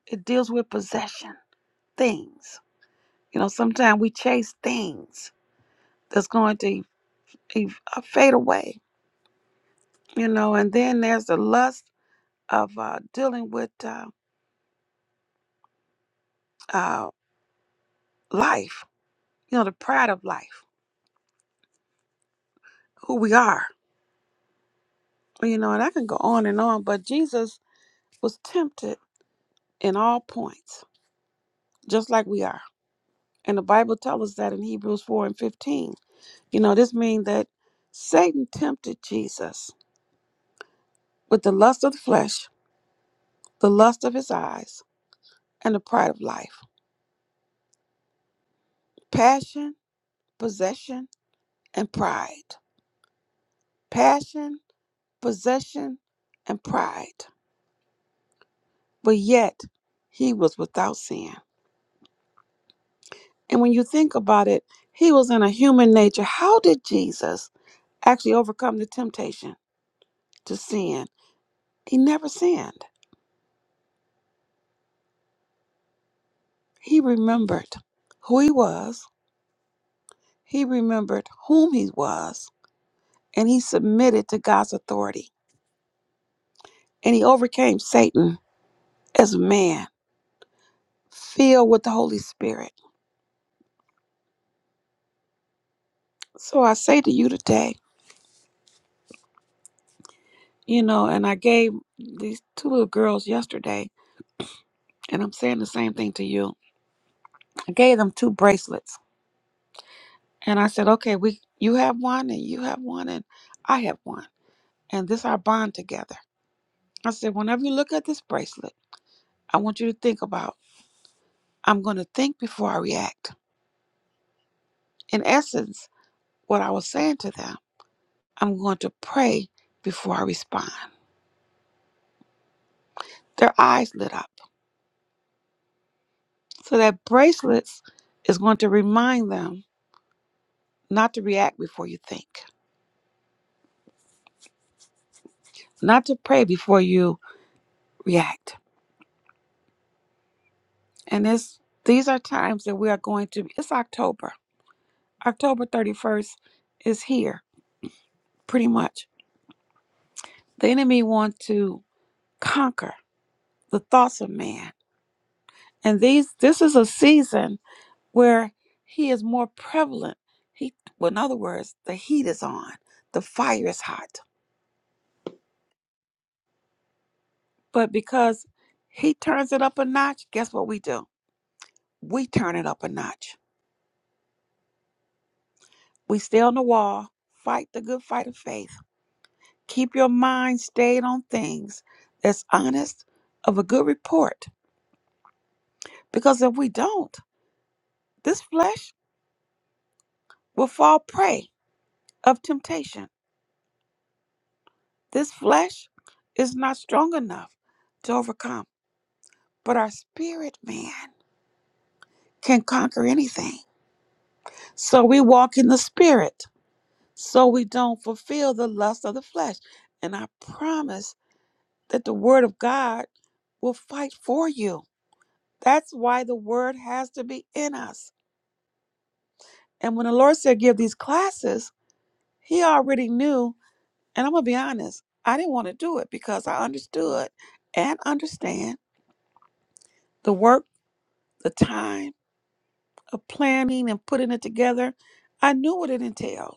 A: it deals with possession, things. You know, sometimes we chase things that's going to e- e- uh, fade away. You know, and then there's the lust of uh, dealing with uh, uh, life. You know, the pride of life, who we are You know, and I can go on and on, but Jesus was tempted in all points, just like we are. And the Bible tells us that in Hebrews 4 and 15. You know, this means that Satan tempted Jesus with the lust of the flesh, the lust of his eyes, and the pride of life. Passion, possession, and pride. Passion, possession, and pride. But yet, he was without sin. And when you think about it, he was in a human nature. How did Jesus? actually overcome the temptation to sin. He never sinned. He remembered who he was, he remembered whom he was, and he submitted to God's authority. And he overcame Satan as a man, filled with the Holy Spirit. So I say to you today, you know, and I gave these two little girls yesterday, and I'm saying the same thing to you. I gave them two bracelets, and I said, okay, we you have one, and you have one, and I have one, and this is our bond together. I said, whenever you look at this bracelet, I want you to think about, I'm going to think before I react. In essence, what I was saying to them, I'm going to pray before I respond. Their eyes lit up. So that bracelets is going to remind them not to react before you think, not to pray before you react. And this, these are times that we are going to, it's October. October 31st is here, pretty much. The enemy wants to conquer the thoughts of man And these this is a season where he is more prevalent. He well, in other words, the heat is on, the fire is hot. But because he turns it up a notch, guess what we do? We turn it up a notch. We stay on the wall, fight the good fight of faith. Keep your mind stayed on things that's honest of a good report. Because if we don't, this flesh will fall prey of temptation. This flesh is not strong enough to overcome. But our spirit, man, can conquer anything. So we walk in the spirit so we don't fulfill the lust of the flesh. And I promise that the word of God will fight for you. That's why the word has to be in us. And when the Lord said, give these classes, he already knew. And I'm going to be honest, I didn't want to do it because I understood and understand the work, the time of planning and putting it together. I knew what it entailed.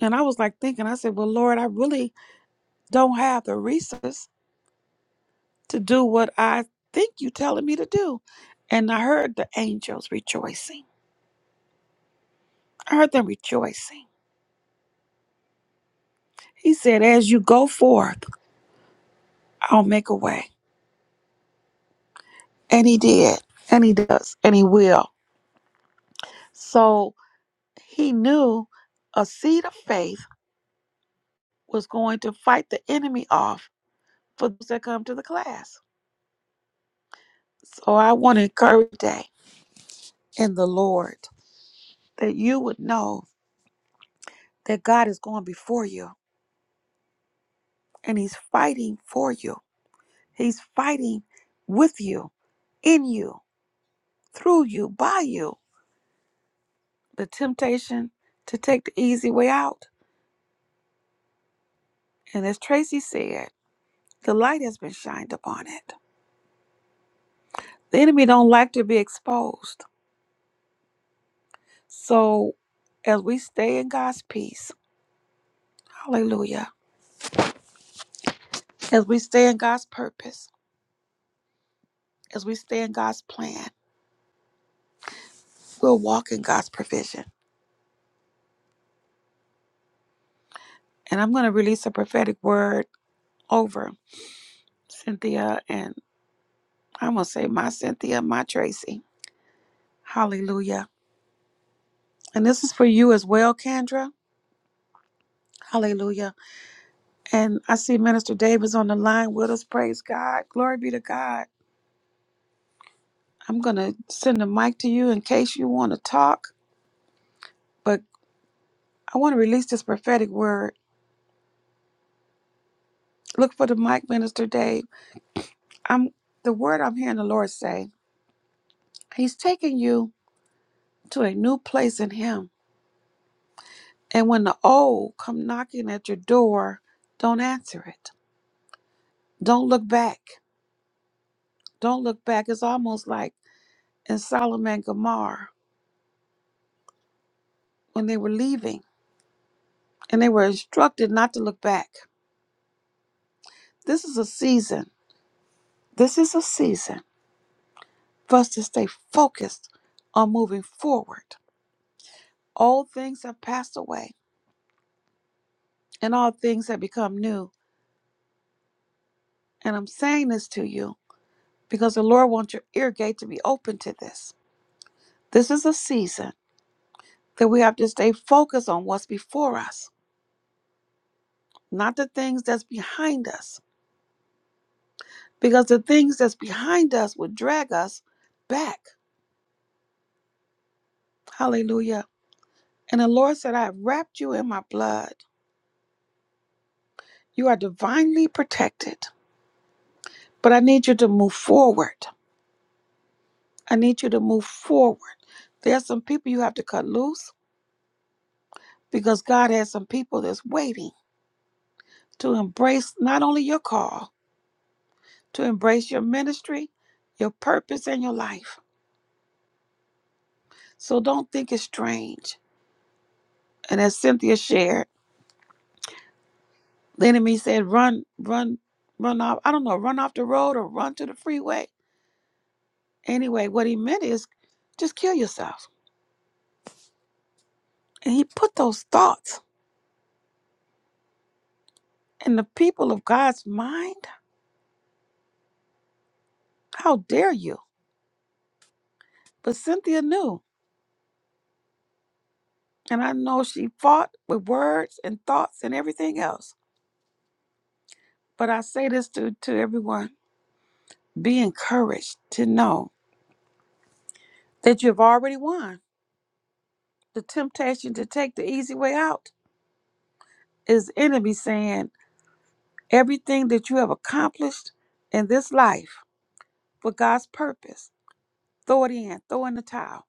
A: And I was like thinking, I said, Well, Lord, I really don't have the resources to do what I think you're telling me to do. And I heard the angels rejoicing. I heard them rejoicing. He said, As you go forth, I'll make a way. And he did. And he does. And he will. So he knew a seed of faith was going to fight the enemy off for those that come to the class. So I want to encourage you today in the Lord that you would know that God is going before you and He's fighting for you. He's fighting with you, in you, through you, by you. The temptation to take the easy way out. And as Tracy said, the light has been shined upon it. The enemy don't like to be exposed. So as we stay in God's peace, hallelujah, as we stay in God's purpose, as we stay in God's plan, we'll walk in God's provision. And I'm going to release a prophetic word over. Cynthia, and I'm going to say my Cynthia, my Tracy. Hallelujah. And this is for you as well, Kendra. Hallelujah. And I see Minister Davis on the line with us. Praise God. Glory be to God. I'm going to send the mic to you in case you want to talk, but I want to release this prophetic word. Look for the mic, Minister Dave. I'm the word I'm hearing the Lord say. He's taking you to a new place in him. And when the old come knocking at your door, don't answer it Don't look back. Don't look back. It's almost like in Solomon and Gomorrah when they were leaving and they were instructed not to look back. This is a season. This is a season for us to stay focused on moving forward. Old things have passed away and all things have become new. And I'm saying this to you because the Lord wants your ear gate to be open to this. This is a season that we have to stay focused on what's before us, not the things that's behind us because the things that's behind us would drag us back. Hallelujah. And the Lord said, I have wrapped you in my blood. You are divinely protected, but I need you to move forward. I need you to move forward. There's some people you have to cut loose because God has some people that's waiting to embrace not only your call, to embrace your ministry, your purpose, and your life. So don't think it's strange. And as Cynthia shared, The enemy said, run, run, run off. I don't know, run off the road or run to the freeway. Anyway, what he meant is just kill yourself. And he put those thoughts in the people of God's mind. How dare you? But Cynthia knew. And I know she fought with words and thoughts and everything else. But I say this to, to everyone be encouraged to know that you've already won. The temptation to take the easy way out is enemy saying, Everything that you have accomplished in this life for God's purpose, throw it in, throw in the towel,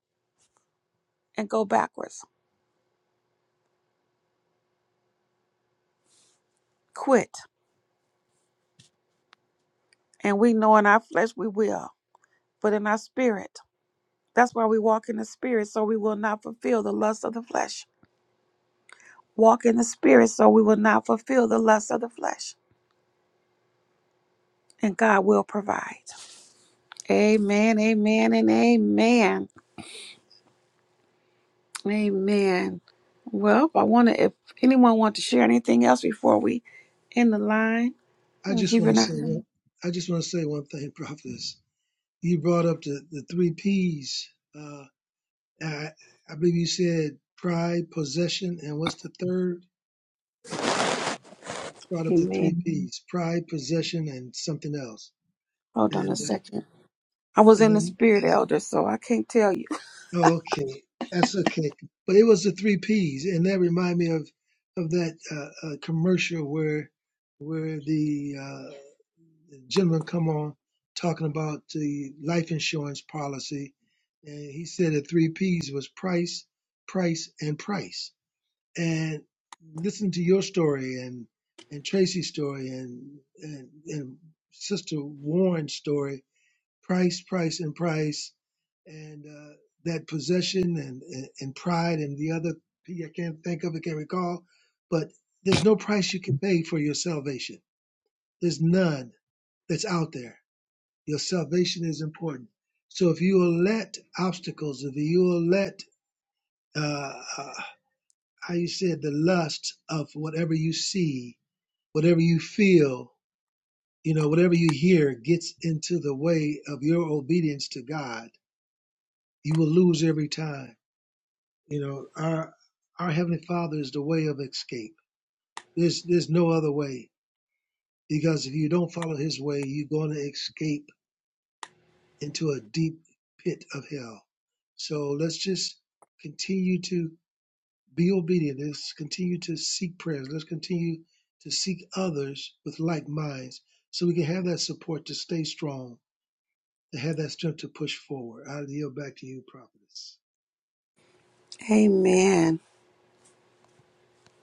A: and go backwards. Quit. And we know in our flesh we will, but in our spirit, that's why we walk in the spirit so we will not fulfill the lust of the flesh. Walk in the spirit so we will not fulfill the lust of the flesh. And God will provide. Amen, amen, and amen. Amen. Well, I want to, if anyone want to share anything else before we end the line,
B: I
A: I'm
B: just want to
A: giving up.
B: say one. I just want to say one thing, prophetess. You brought up the, the three P's. Uh, I, I believe you said pride, possession, and what's the third? Brought up the
A: Amen.
B: three P's: pride, possession, and something else.
A: Hold on a
B: And uh,
A: second. I was in the
B: and
A: spirit elder, so I can't tell you.
B: Okay, that's okay. But it was the three P's, and that reminded me of of that uh, uh, commercial where where the uh, gentleman come on talking about the life insurance policy, and he said the three P's was price, price, and price. And listen to your story and and Tracy's story and and, and Sister Warren's story price, price, and price, and uh, that possession and, and and pride and the other p- I can't think of it, can't recall. But there's no price you can pay for your salvation. There's none that's out there. Your salvation is important. So if you will let obstacles, if you will let uh, uh, how you said the lust of whatever you see, whatever you feel, you know, whatever you hear gets into the way of your obedience to God you will lose every time. You know, our our heavenly Father is the way of escape. There's there's no other way because if you don't follow His way, you're going to escape into a deep pit of hell. So let's just continue to be obedient. Let's continue to seek prayers. Let's continue to seek others with like minds, so we can have that support to stay strong, to have that strength to push forward. I yield back to you, prophetess.
A: Amen.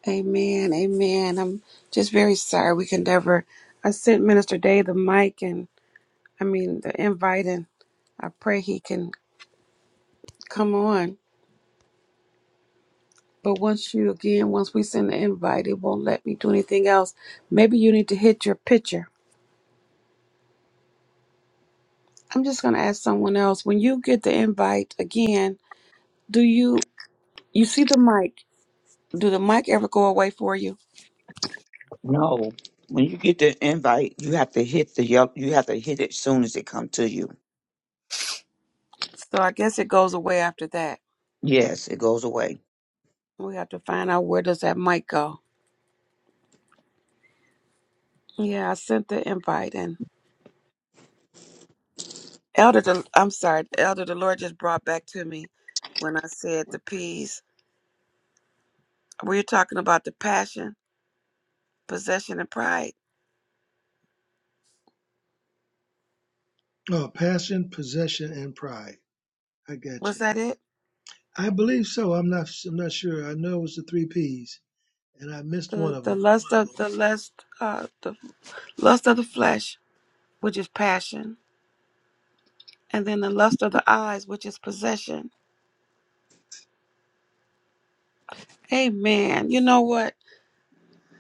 A: Amen. Amen. I'm just very sorry we can never. I sent Minister Day the mic and I mean the invite, and I pray he can come on. But once you again, once we send the invite, it won't let me do anything else. Maybe you need to hit your picture. I'm just gonna ask someone else. When you get the invite again, do you you see the mic? Do the mic ever go away for you?
C: No, when you get the invite, you have to hit the yelp. You have to hit it soon as it come to you.
A: So I guess it goes away after that.
C: Yes, it goes away.
A: We have to find out where does that mic go. Yeah, I sent the invite and Elder the I'm sorry, Elder the Lord just brought back to me when I said the P's. We we talking about the passion, possession and pride.
B: Oh, passion, possession, and pride. I got you.
A: Was that it?
B: I believe so. I'm not. I'm not sure. I know it was the three P's, and I missed one
A: The
B: of
A: the
B: them.
A: lust of the lust uh the lust of the flesh, which is passion, and then the lust of the eyes, which is possession. Amen. You know what?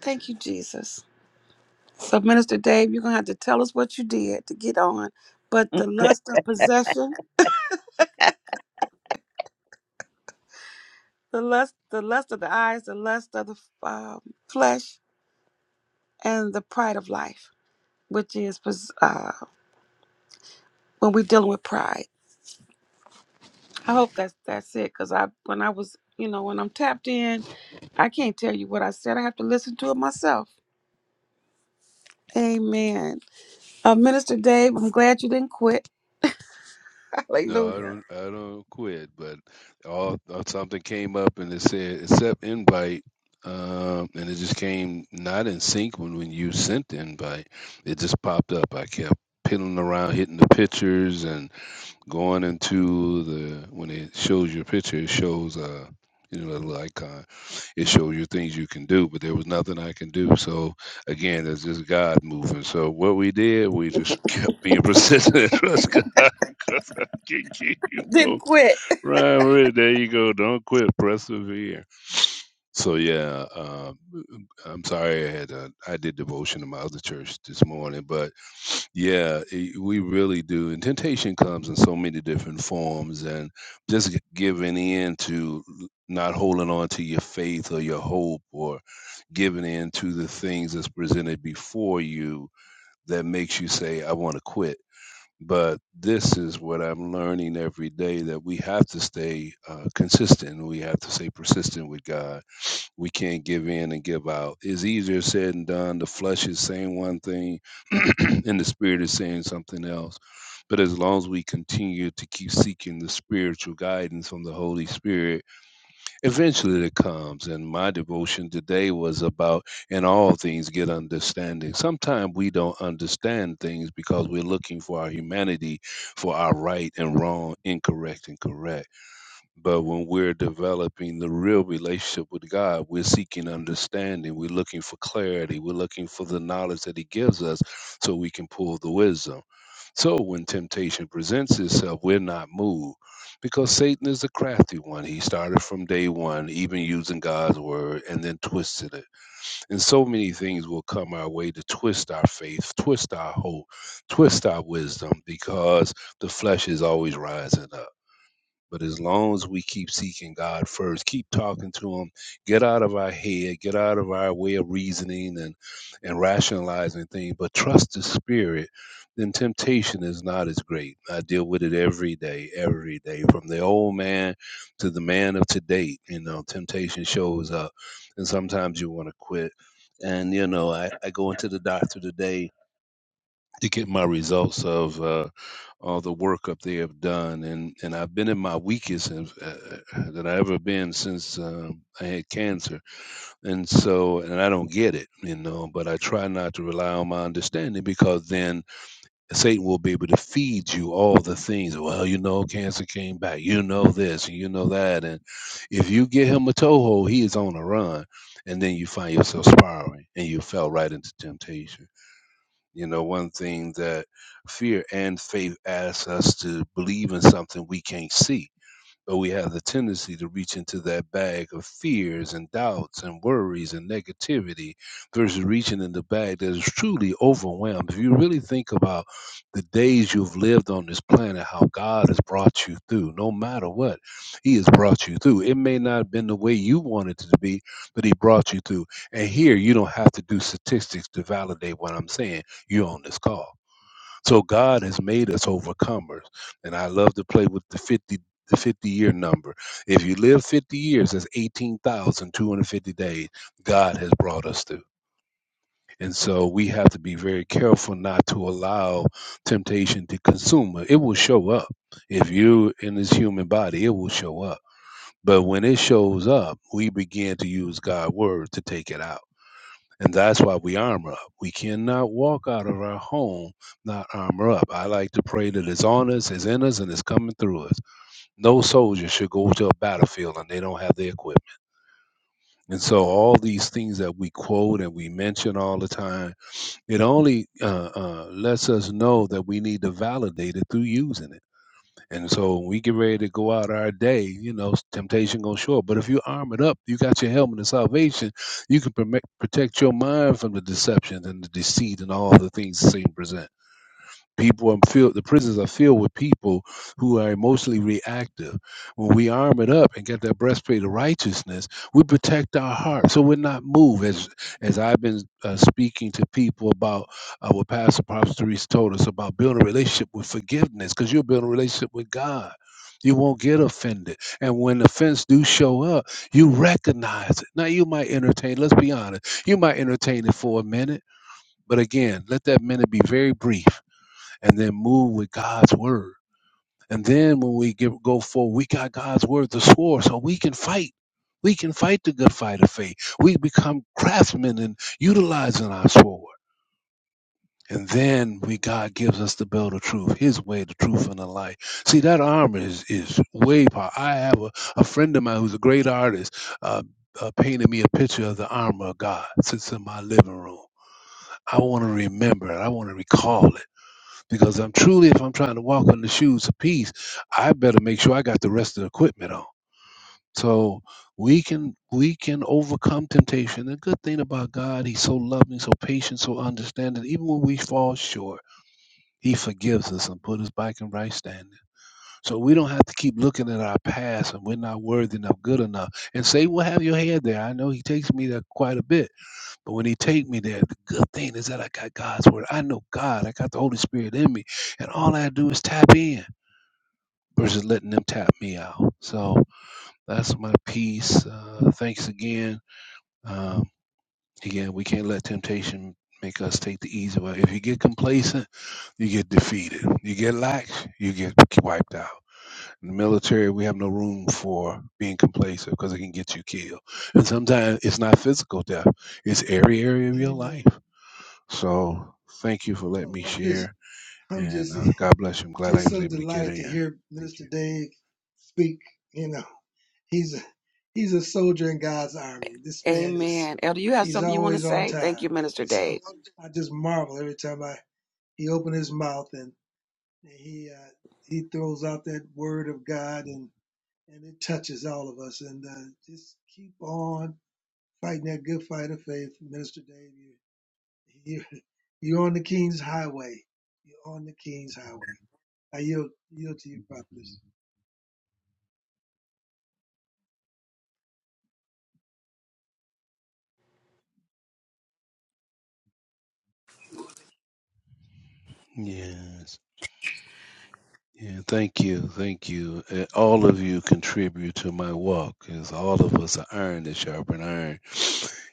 A: Thank you, Jesus. So, Minister Dave, you're gonna have to tell us what you did to get on. But
C: Mm.
A: the lust of possession, the lust, the lust of the eyes, the lust of the um, flesh, and the pride of life, which is pos- uh, when we're dealing with pride. I hope that's that's it. Cause I, when I was, you know, when I'm tapped in, I can't tell you what I said. I have to listen to it myself. Amen. Uh, Minister Dave, I'm glad you didn't quit. [LAUGHS]
E: No, I
A: Hallelujah.
E: don't. I don't quit. But all uh, something came up and it said accept invite, um, and it just came not in sync when when you sent the invite. It just popped up. I kept piddling around, hitting the pictures, and Going into the when it shows your picture, it shows uh you know the little icon. It shows you things you can do, but there was nothing I can do. So again, that's just God moving. So what we did, we just [LAUGHS] kept being persistent and trust God [LAUGHS] because I can keep you
A: Didn't
E: know.
A: quit.
E: Right, right, there you go. Don't quit. Persevere. So yeah, uh, I'm sorry I had a, I did devotion in my other church this morning, but yeah, i we really do. And temptation comes in so many different forms, and just g- giving in to l- not holding on to your faith or your hope, or giving in to the things that's presented before you that makes you say, "I want to quit." But this is what I'm learning every day that we have to stay uh, consistent. We have to stay persistent with God we can't give in and give out. It's easier said than done. The flesh is saying one thing [CLEARS THROAT] and the spirit is saying something else. But as long as we continue to keep seeking the spiritual guidance from the Holy Spirit, eventually it comes. And my devotion today was about, in all things, get understanding. Sometimes we don't understand things because we're looking for our humanity, for our right and wrong, incorrect and correct. But when we're developing the real relationship with God, we're seeking understanding. We're looking for clarity. We're looking for the knowledge that He gives us so we can pull the wisdom. So when temptation presents itself, we're not moved because Satan is a crafty one. He started from day one, even using God's word, and then twisted it. And so many things will come our way to twist our faith, twist our hope, twist our wisdom because the flesh is always rising up. But as long as we keep seeking God first, keep talking to Him, get out of our head, get out of our way of reasoning and, and rationalizing things, but trust the Spirit, then temptation is not as great. I deal with it every day, every day, from the old man to the man of today. You know, temptation shows up, and sometimes you want to quit. And, you know, I, I go into the doctor today to get my results of uh, all the work up they have done, and and I've been in my weakest and, uh, that I ever been since um I had cancer, and so and I don't get it, you know, but I try not to rely on my understanding because then Satan will be able to feed you all the things. Well, you know, cancer came back, you know this, and you know that, and if you get him a toehold, he is on a run, and then you find yourself spiraling, and you fell right into temptation. You know, one thing that fear and faith asks us to believe in something we can't see but we have the tendency to reach into that bag of fears and doubts and worries and negativity versus reaching in the bag that is truly overwhelmed. If you really think about the days you've lived on this planet, how God has brought you through, no matter what, He has brought you through. It may not have been the way you wanted it to be, but He brought you through. And here, you don't have to do statistics to validate what I'm saying. You're on this call. So God has made us overcomers. And I love to play with the 50 the 50 year number. If you live 50 years, that's 18,250 days God has brought us through. And so we have to be very careful not to allow temptation to consume us. It will show up. If you're in this human body, it will show up. But when it shows up, we begin to use God's word to take it out. And that's why we armor up. We cannot walk out of our home not armor up. I like to pray that it's on us, it's in us, and it's coming through us. No soldier should go to a battlefield and they don't have the equipment. And so, all these things that we quote and we mention all the time, it only uh, uh, lets us know that we need to validate it through using it. And so when we get ready to go out our day, you know, temptation gonna show up. But if you arm it up, you got your helmet of salvation, you can perme- protect your mind from the deception and the deceit and all the things the Satan present. People are filled. The prisons are filled with people who are emotionally reactive. When we arm it up and get that breastplate of righteousness, we protect our heart, so we're not moved. As as I've been uh, speaking to people about uh, what Pastor Prophet Therese told us about building a relationship with forgiveness, because you're building a relationship with God. You won't get offended, and when offense do show up, you recognize it. Now you might entertain. Let's be honest. You might entertain it for a minute, but again, let that minute be very brief and then move with God's word. And then when we give, go forward, we got God's word to swore, so we can fight. We can fight the good fight of faith. We become craftsmen in utilizing our sword. And then we God gives us the belt of truth, His way, the truth, and the light. See, that armor is is way powerful. I have a, a friend of mine who's a great artist, uh, uh, painted me a picture of the armor of God. sits in my living room. I want to remember it. I want to recall it. Because I'm truly, if I'm trying to walk on the shoes of peace, I better make sure I got the rest of the equipment on. So we can we can overcome temptation. The good thing about God, He's so loving, so patient, so understanding. Even when we fall short, He forgives us and put us back in right standing. So we don't have to keep looking at our past and we're not worthy enough, good enough. And Satan will have your head there. I know he takes me there quite a bit but when he take me there, the good thing is that I got God's word. I know God. I got the Holy Spirit in me. And all I do is tap in versus letting them tap me out. So that's my piece. Uh, thanks again. Um, again, we can't let temptation make us take the easy way. If you get complacent, you get defeated. You get lax, you get wiped out. In the military, we have no room for being complacent because it can get you killed. And sometimes it's not physical death. It's every area of your
B: Amen.
E: life. So thank you for letting
B: No,
E: me
B: I'm just.
E: share,
B: I'm
E: and
B: just.
E: uh, God bless you. I'm glad I
B: Just
E: was
B: so
E: able to get
B: delighted to
E: in.
B: hear
E: Thank
B: Minister
E: you.
B: Dave speak. You know, he's a he's a soldier in God's army. This man is.
A: Amen. Elder, you have
B: He's
A: something you want to
B: always on
A: say?
B: time.
A: Thank you,
B: I
A: Minister
B: just. [LAUGHS]
A: Dave.
B: I just marvel every time I he opened his mouth and, and he uh, he throws out that word of God and and it touches all of us and uh, just keep on fighting that good fight of faith, Minister Dave. You, [LAUGHS] you, you're on the King's Highway. You're on the King's Highway. I yield, yield to you, Prophetess.
E: Yes. Yeah, thank you, thank you. Uh, All of you contribute to my walk, because all of us are iron that sharpen iron,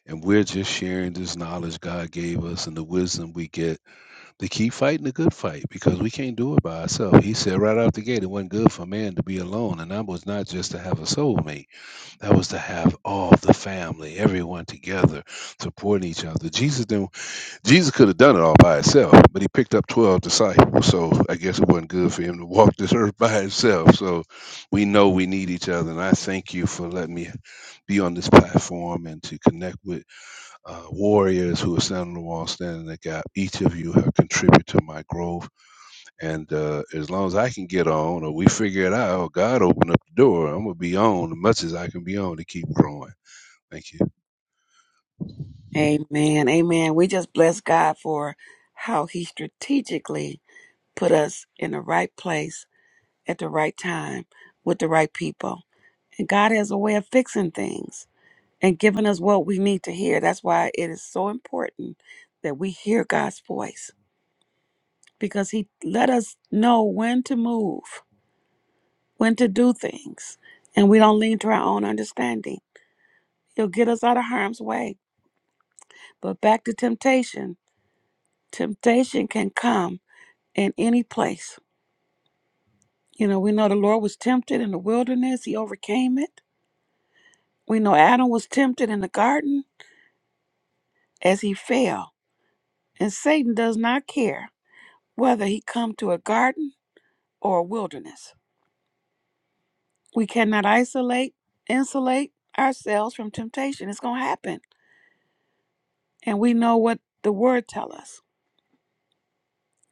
E: and we're just sharing this knowledge God gave us and the wisdom we get to keep fighting the good fight, because we can't do it by ourselves. He said right out the gate, it wasn't good for man to be alone, and I was not just to have a soulmate. That was to have all the family, everyone together, supporting each other. Jesus didn't. Jesus could have done it all by himself, but he picked up twelve disciples. So I guess it wasn't good for him to walk [LAUGHS] this earth by himself. So we know we need each other, and I thank you for letting me be on this platform and to connect with uh, warriors who are standing on the wall, standing in the gap. Each of you have contributed to my growth, and uh, as long as I can get on, or we figure it out, or God open up the door, I'm gonna be on as much as I can be on to keep growing. Thank you.
A: Amen. Amen. We just bless God for how He strategically put us in the right place at the right time with the right people. And God has a way of fixing things and giving us what we need to hear. That's why it is so important that we hear God's voice because He let us know when to move, when to do things, and we don't lean to our own understanding. He'll get us out of harm's way. But back to temptation. Temptation can come in any place. You know, we know the Lord was tempted in the wilderness, he overcame it. We know Adam was tempted in the garden as he fell. And Satan does not care whether he come to a garden or a wilderness. We cannot isolate, insulate ourselves from temptation. It's going to happen. And we know what the word tells us.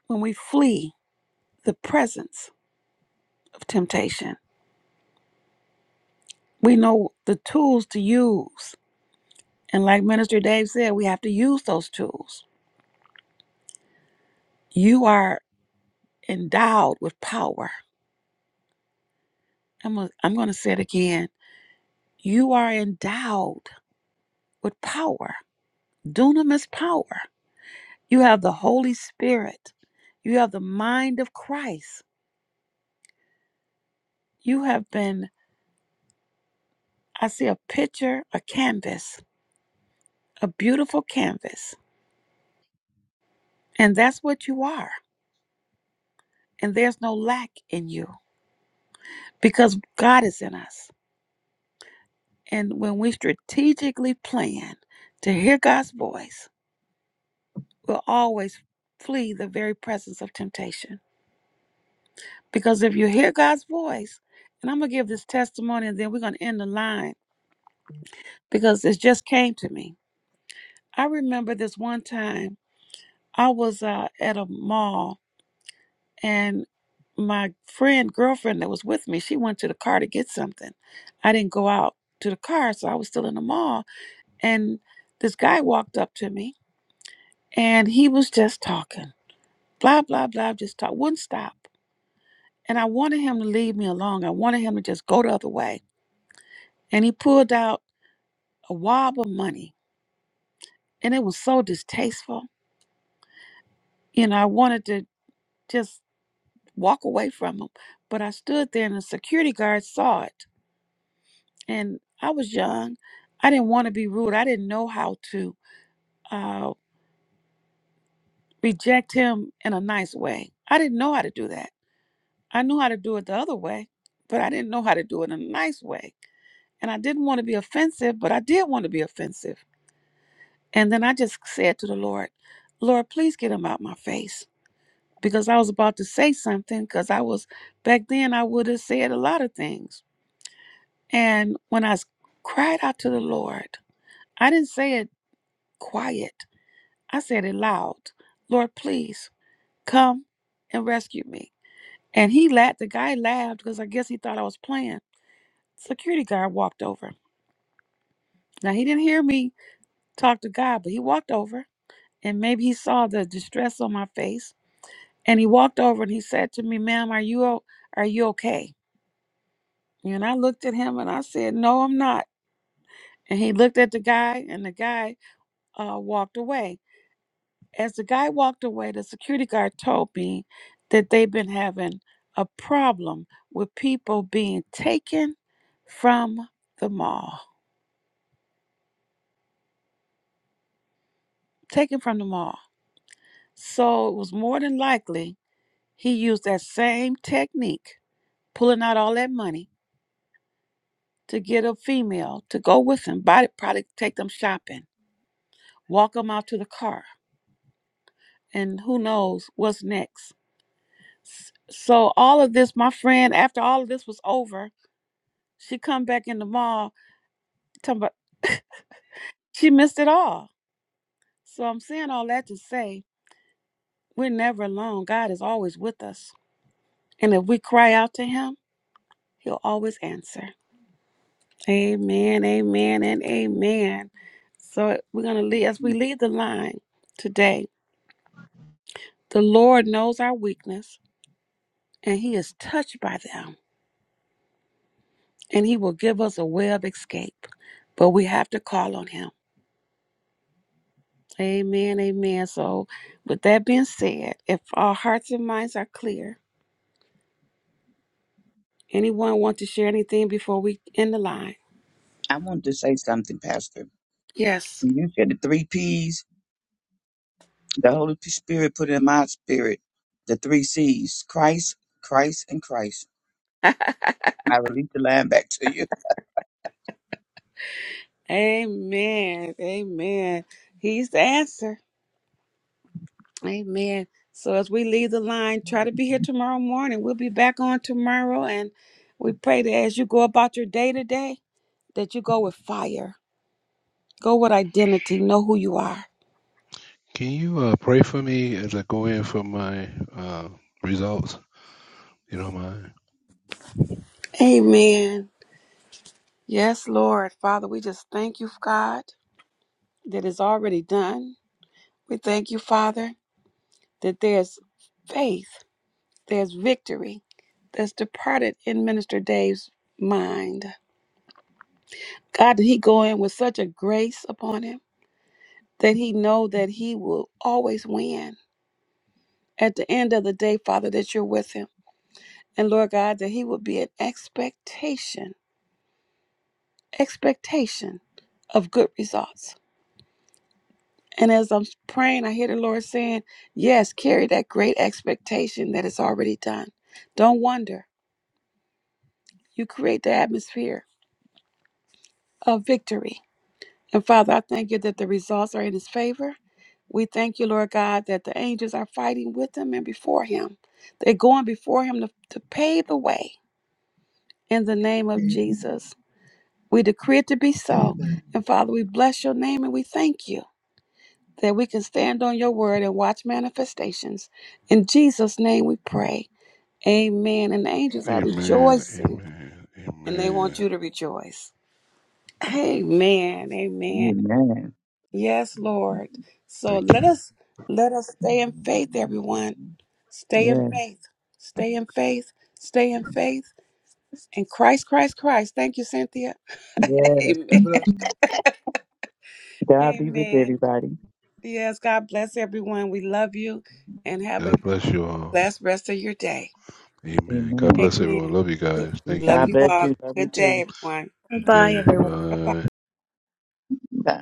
A: When we flee the presence of temptation, we know the tools to use. And like Minister Dave said, we have to use those tools. You are endowed with power. I'm gonna, I'm going to say it again. You are endowed with power, dunamis power. You have the Holy Spirit. You have the mind of Christ. You have been, I see a picture, a canvas, a beautiful canvas. And that's what you are. And there's no lack in you because God is in us. And when we strategically plan to hear God's voice, we'll always flee the very presence of temptation Because if you hear God's voice, and I'm going to give this testimony and then we're going to end the line because it just came to me. I remember this one time I was uh, at a mall and my friend, girlfriend that was with me, she went to the car to get something. I didn't go out to the car, so I was still in the mall. And this guy walked up to me and he was just talking, blah, blah, blah, just talk, wouldn't stop. And I wanted him to leave me alone. I wanted him to just go the other way. And he pulled out a wob of money. And it was so distasteful. You know, I wanted to just walk away from him. But I stood there and the security guard saw it. And I was young. I didn't want to be rude. I didn't know how to uh, reject him in a nice way. I didn't know how to do that. I knew how to do it the other way, but I didn't know how to do it in a nice way. And I didn't want to be offensive, but I did want to be offensive. And then I just said to the Lord, Lord, please get him out my face because I was about to say something because I was back then I would have said a lot of things. And when I s- cried out to the Lord, I didn't say it quiet. I said it loud. Lord, please come and rescue me. And he laughed. The guy laughed because I guess he thought I was playing. Security guard walked over. Now he didn't hear me talk to God, but he walked over and maybe he saw the distress on my face. And he walked over and he said to me, "Ma'am, are you o- are you okay?" And I looked at him and I said, No, I'm not. And he looked at the guy and the guy uh, walked away. As the guy walked away, the security guard told me that they've been having a problem with people being taken from the mall. Taken from the mall. So it was more than likely he used that same technique, pulling out all that money to get a female to go with him, buy- probably take them shopping, walk them out to the car and who knows what's next. So all of this, my friend, after all of this was over, she come back in the mall talking about [LAUGHS] she missed it all. So I'm saying all that to say we're never alone. God is always with us. And if we cry out to him, he'll always answer. Amen, amen, and amen. So we're gonna leave as we leave the line today. The Lord knows our weakness and he is touched by them. and he will give us a way of escape. But we have to call on him. Amen, amen. So, with that being said, if our hearts and minds are clear, anyone want to share anything before we end the line?
C: I wanted to say something, Pastor.
A: Yes.
C: You said the three P's the Holy Spirit put in my spirit. The three C's Christ, Christ, and Christ. I release the line back to you.
A: Amen, amen. He's the answer. Amen. So, as we leave the line, try to be here tomorrow morning. We'll be back on tomorrow. And we pray that as you go about your day today, that you go with fire, go with identity, know who you are.
E: Can you uh, pray for me as I go in for my uh, results? You don't mind?
A: Amen. Yes, Lord. Father, we just thank you, God, that is already done. We thank you, Father, that there's faith, there's victory that's departed in Minister Dave's mind. God, that he go in with such a grace upon him that he know that he will always win. At the end of the day, Father, that you're with him. And Lord God, that he will be an expectation, expectation of good results. And as I'm praying, I hear the Lord saying, Yes, carry that great expectation that it's already done. Don't wonder. You create the atmosphere of victory. And Father, I thank you that the results are in His favor. We thank you, Lord God, that the angels are fighting with Him and before Him. They're going before Him to, to pave the way in the name of Jesus. We decree it to be so.
B: Amen.
A: And Father, we bless your name and we thank you. that we can stand on your word and watch manifestations. In Jesus' name we pray. Amen. And the angels are
E: Amen.
A: rejoicing
E: Amen.
A: and they
E: Amen.
A: want you to rejoice. Amen. Amen.
C: Amen.
A: Yes, Lord. So
E: Thank
A: let
E: you.
A: us let us stay in faith, everyone. Stay in
C: Yeah.
A: faith. Stay in faith. Stay in faith. And Christ, Christ, Christ. Thank you, Cynthia. [LAUGHS]
C: Yeah.
A: Amen.
B: Amen.
C: God be with
A: Amen.
C: everybody.
A: Yes, God bless everyone. We love you and have a
E: God bless you all.
A: blessed rest of your day.
E: Amen. God
C: Amen.
E: bless everyone.
A: Amen.
E: Love you guys. Thank
A: Love
C: God
A: you
E: you.
C: bless
A: all.
C: you. Love you
A: Good day,
C: too.
A: everyone.
E: Good
D: Bye,
E: day.
D: everyone.
A: Bye bye.
E: Bye.
C: Bye.